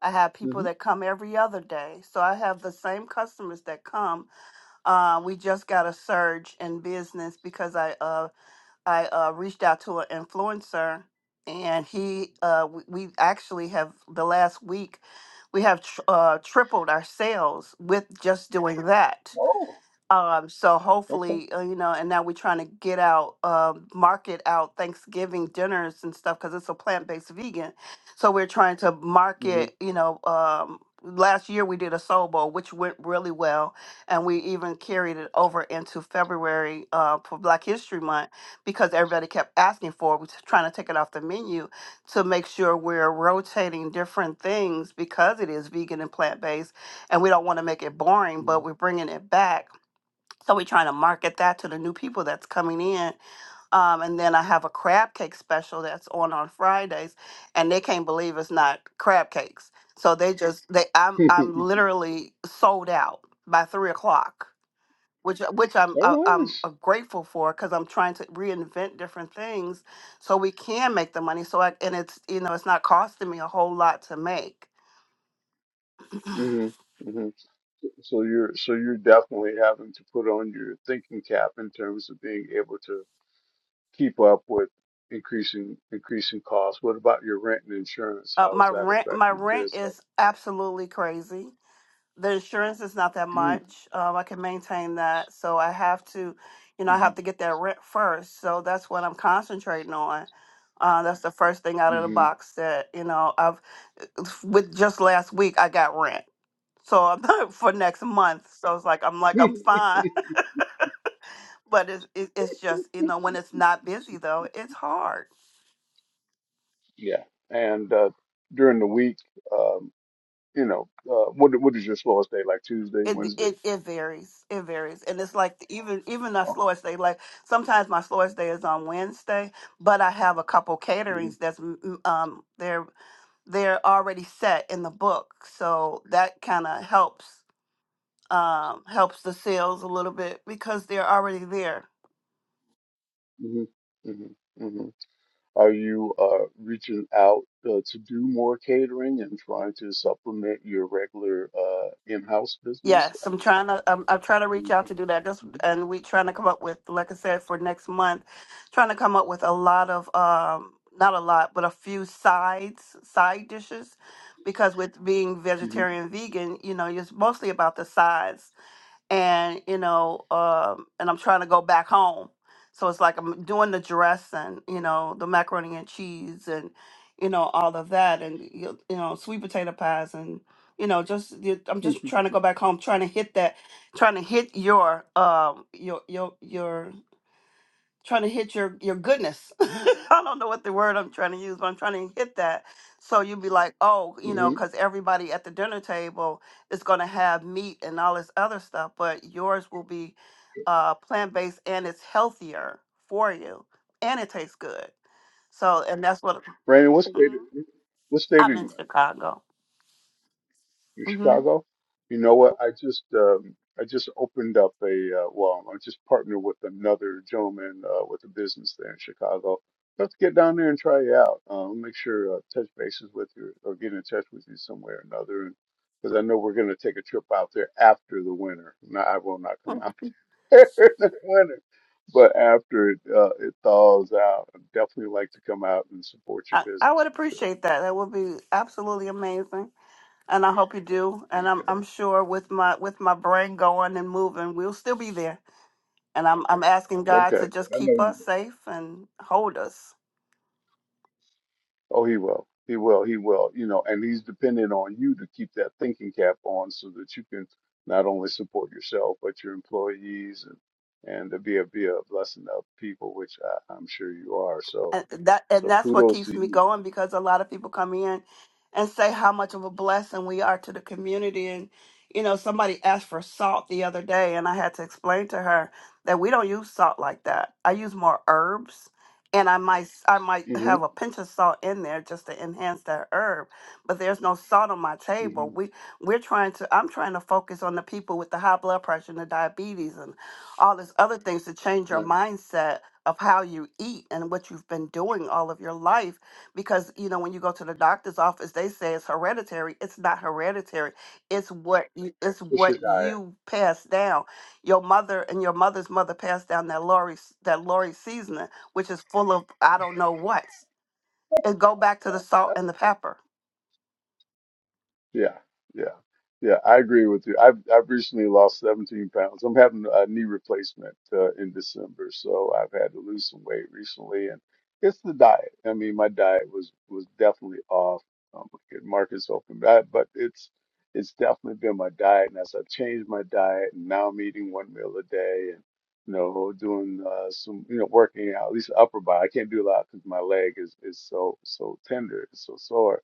Speaker 12: I have people
Speaker 11: hmm
Speaker 12: that come every other day. So I have the same customers that come. Uh, we just got a surge in business because I uh I uh, reached out to an influencer, and he uh, w- we actually have the last week we have tr- uh, tripled our sales with just doing that.
Speaker 11: Oh,
Speaker 12: Um, so
Speaker 11: okay.
Speaker 12: hopefully, uh, you know, and now we're trying to get out, uh, market out Thanksgiving dinners and stuff because it's a plant-based vegan. So we're trying to
Speaker 11: hmm
Speaker 12: market, you know, um, last year we did a soul bowl, which went really well. And we even carried it over into February uh, for Black History Month because everybody kept asking for it. We're just trying to take it off the menu to make sure we're rotating different things because it is vegan and plant-based. And we don't want to make it boring,
Speaker 11: hmm
Speaker 12: but we're bringing it back so we're trying to market that to the new people that's coming in. Um, and then I have a crab cake special that's on on Fridays, and they can't believe it's not crab cakes. So they just they I'm I'm literally sold out by three o'clock, which which I'm uh,
Speaker 11: oh,
Speaker 12: I'm
Speaker 11: nice.
Speaker 12: uh, grateful for because I'm trying to reinvent different things so we can make the money. So I, and it's you know it's not costing me a whole lot to make.
Speaker 11: hmm hmm So so you're so you're definitely having to put on your thinking cap in terms of being able to keep up with increasing increasing costs. What about your rent and insurance?
Speaker 12: Uh,
Speaker 11: How
Speaker 12: my
Speaker 11: has that
Speaker 12: rent my
Speaker 11: affected
Speaker 12: rent
Speaker 11: this?
Speaker 12: is absolutely crazy the insurance is not that
Speaker 11: Mm-hmm.
Speaker 12: much. Um, I can maintain that. So I have to, you know, I have to get that rent first. So that's what I'm concentrating on. Uh, that's the first thing out of the
Speaker 11: hmm
Speaker 12: box that, you know, I've, with just last week, I got rent. So I'm for next month. So it's like, I'm like, I'm fine.
Speaker 11: hmm
Speaker 12: But it's, it- it's just, you know, when it's not busy though, it's hard.
Speaker 11: Yeah. And uh, during the week, um, you know, uh, what what is your slowest day? Like Tuesday,
Speaker 12: it
Speaker 11: Wednesday?
Speaker 12: it it varies. It varies, and it's like even even the
Speaker 11: Uh-huh.
Speaker 12: slowest day. Like sometimes my slowest day is on Wednesday, but I have a couple
Speaker 11: hmm
Speaker 12: caterings that's mm, um they're they're already set in the book, so that kind of helps um helps the sales a little bit because they're already there.
Speaker 11: hmm hmm Are you uh, reaching out uh, to do more catering and trying to supplement your regular uh, in-house business?
Speaker 12: Yes,
Speaker 11: I
Speaker 12: I'm
Speaker 11: mean,
Speaker 12: trying to. I'm, I'm trying to reach out to do that. Just and we trying to come up with, like I said, for next month, trying to come up with a lot of, um, not a lot, but a few sides, side dishes, because with being
Speaker 11: mm-hmm.
Speaker 12: vegetarian, vegan, you know, it's mostly about the sides and you know um and i'm trying to go back home so it's like i'm doing the dress and you know the macaroni and cheese and you know all of that and you you know sweet potato pies and you know just the- i'm just
Speaker 11: Mm-hmm.
Speaker 12: trying to go back home trying to hit that trying to hit your um your your your trying to hit your your goodness. I don't know what the word I'm trying to use, but I'm trying to hit that. So you'd be like, oh, you know,
Speaker 11: hmm
Speaker 12: because everybody at the dinner table is going to have meat and all this other stuff, but yours will be uh, plant based and it's healthier for you and it tastes good. So, and that's what
Speaker 11: Brandon, what state?
Speaker 12: Mhm.
Speaker 11: What state are
Speaker 12: I'm
Speaker 11: you
Speaker 12: in
Speaker 11: in?
Speaker 12: Chicago.
Speaker 11: in
Speaker 12: hmm
Speaker 11: Chicago. You know what? I just um, I just opened up a uh, well, I just partnered with another gentleman uh, with a business there in Chicago. Let's get down there and try it out. Uh, I'll make sure uh, touch bases with you or get in touch with you some way or another, because I know we're going to take a trip out there after the winter. No, I will not come out there in the winter, but after it uh, it thaws out, I'd definitely like to come out and support your
Speaker 12: I, I
Speaker 11: business
Speaker 12: would
Speaker 11: for sure.
Speaker 12: appreciate that. That would be absolutely amazing. and I hope you do. And I'm I'm sure with my with my brain going and moving, we'll still be there. And I'm I'm asking God
Speaker 11: Okay,
Speaker 12: to just
Speaker 11: I know.
Speaker 12: keep
Speaker 11: you.
Speaker 12: us safe and hold us.
Speaker 11: Oh, he will. He will. He will. You know, and he's dependent on you to keep that thinking cap on so that you can not only support yourself but your employees and and to be a be a blessing to other people, which I, I'm sure you are. So
Speaker 12: And that and
Speaker 11: so
Speaker 12: that's what
Speaker 11: kudos
Speaker 12: keeps
Speaker 11: to
Speaker 12: me
Speaker 11: you.
Speaker 12: going because a lot of people come in and say how much of a blessing we are to the community and you know somebody asked for salt the other day and I had to explain to her that we don't use salt like that. I use more herbs and I might I might
Speaker 11: hmm
Speaker 12: have a pinch of salt in there just to enhance that herb, but there's no salt on my
Speaker 11: hmm
Speaker 12: table. We we're trying to I'm trying to focus on the people with the high blood pressure and the diabetes and all this other things to change your
Speaker 11: Nice.
Speaker 12: mindset of how you eat and what you've been doing all of your life because you know when you go to the doctor's office they say it's hereditary it's not hereditary it's what you, it's
Speaker 11: What's
Speaker 12: what
Speaker 11: your diet?
Speaker 12: you pass down your mother and your mother's mother passed down that lori that lori seasoning which is full of i don't know what and go back to the salt and the pepper
Speaker 11: Yeah, yeah, yeah. I agree with you. I've I've recently lost 17 pounds. I'm having a knee replacement uh, in December, so I've had to lose some weight recently, and it's the diet. I mean, my diet was was definitely off. Um, look at Marcus open that, but it's it's definitely been my diet, and as I've changed my diet, and now I'm eating one meal a day, and you know, doing uh, some you know working out, at least upper body. I can't do a lot because my leg is is so so tender, it's so sore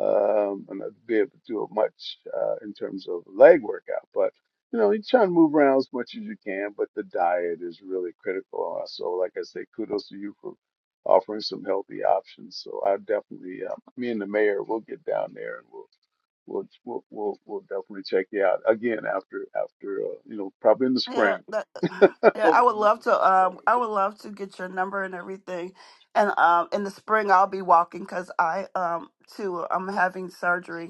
Speaker 11: um, and I'd be able to do much uh, in terms of leg workout. But you know, you try to move around as much as you can, but the diet is really critical. Uh, So, like I say, kudos to you for offering some healthy options. So, I definitely, uh, me and the mayor, will get down there and we'll we'll we'll we'll, we'll definitely check you out again after after uh, you know probably in the
Speaker 12: yeah
Speaker 11: spring.
Speaker 12: that, yeah i would love to um i would love to get your number and everything and um in the spring I'll be walking because I um too I'm having surgery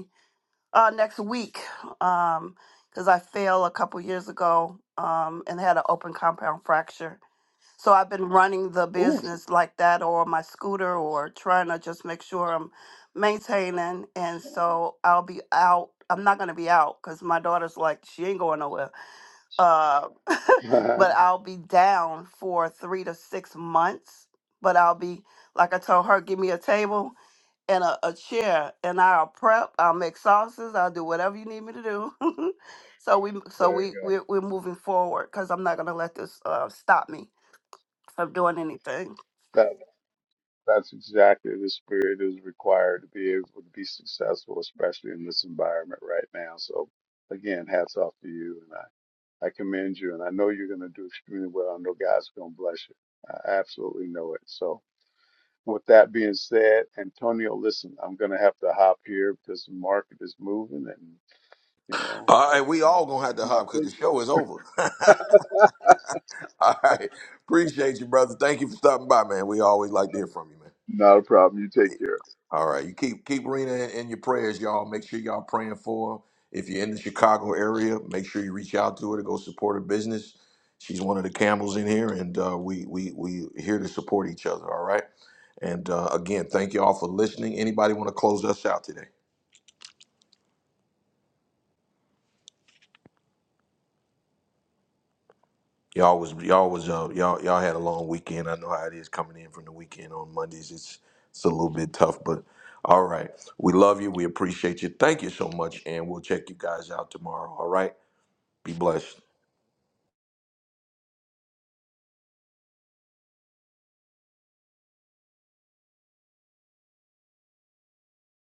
Speaker 12: uh, next week because I fell a couple years ago um, and had an open compound fracture. So I've been running the
Speaker 11: Oh,
Speaker 12: business like that or my scooter or trying to just make sure I'm maintaining. And so I'll be out. I'm not going to be out because my daughter's like, she ain't going nowhere. Uh,
Speaker 11: there
Speaker 12: but I'll be down for three to six months. But I'll be, like I told her, give me a table and a, a chair and I'll prep, I'll make sauces, I'll do whatever you need me to do. so we so we
Speaker 11: you
Speaker 12: we're, we're moving forward cuz I'm not going to let this uh, stop me from doing anything.
Speaker 11: go. That's exactly the spirit is required to be able to be successful, especially in this environment right now. So again, hats off to you and I, I commend you and I know you're gonna do extremely well. I know God's gonna bless you. I absolutely know it. So with that being said, Antonio, listen, I'm gonna have to hop here because the market is moving and you know
Speaker 1: All right, we all gonna have to hop because the show is over. all right, appreciate you, brother. Thank you for stopping by, man. We always like to hear from you, man.
Speaker 11: not a problem. You take care.
Speaker 1: All right, you keep keep Rena in, in your prayers, y'all. Make sure y'all praying for her. If you're in the Chicago area, make sure you reach out to her to go support her business. She's one of the Campbells in here, and uh, we we we here to support each other. All right, and uh, again, thank y'all for listening. Anybody want to close us out today? Y'all was y'all was uh, y'all y'all had a long weekend. I know how it is coming in from the weekend on Mondays. It's it's a little bit tough, but all right, we love you. We appreciate you. Thank you so much, and we'll check you guys out tomorrow. All right, be blessed.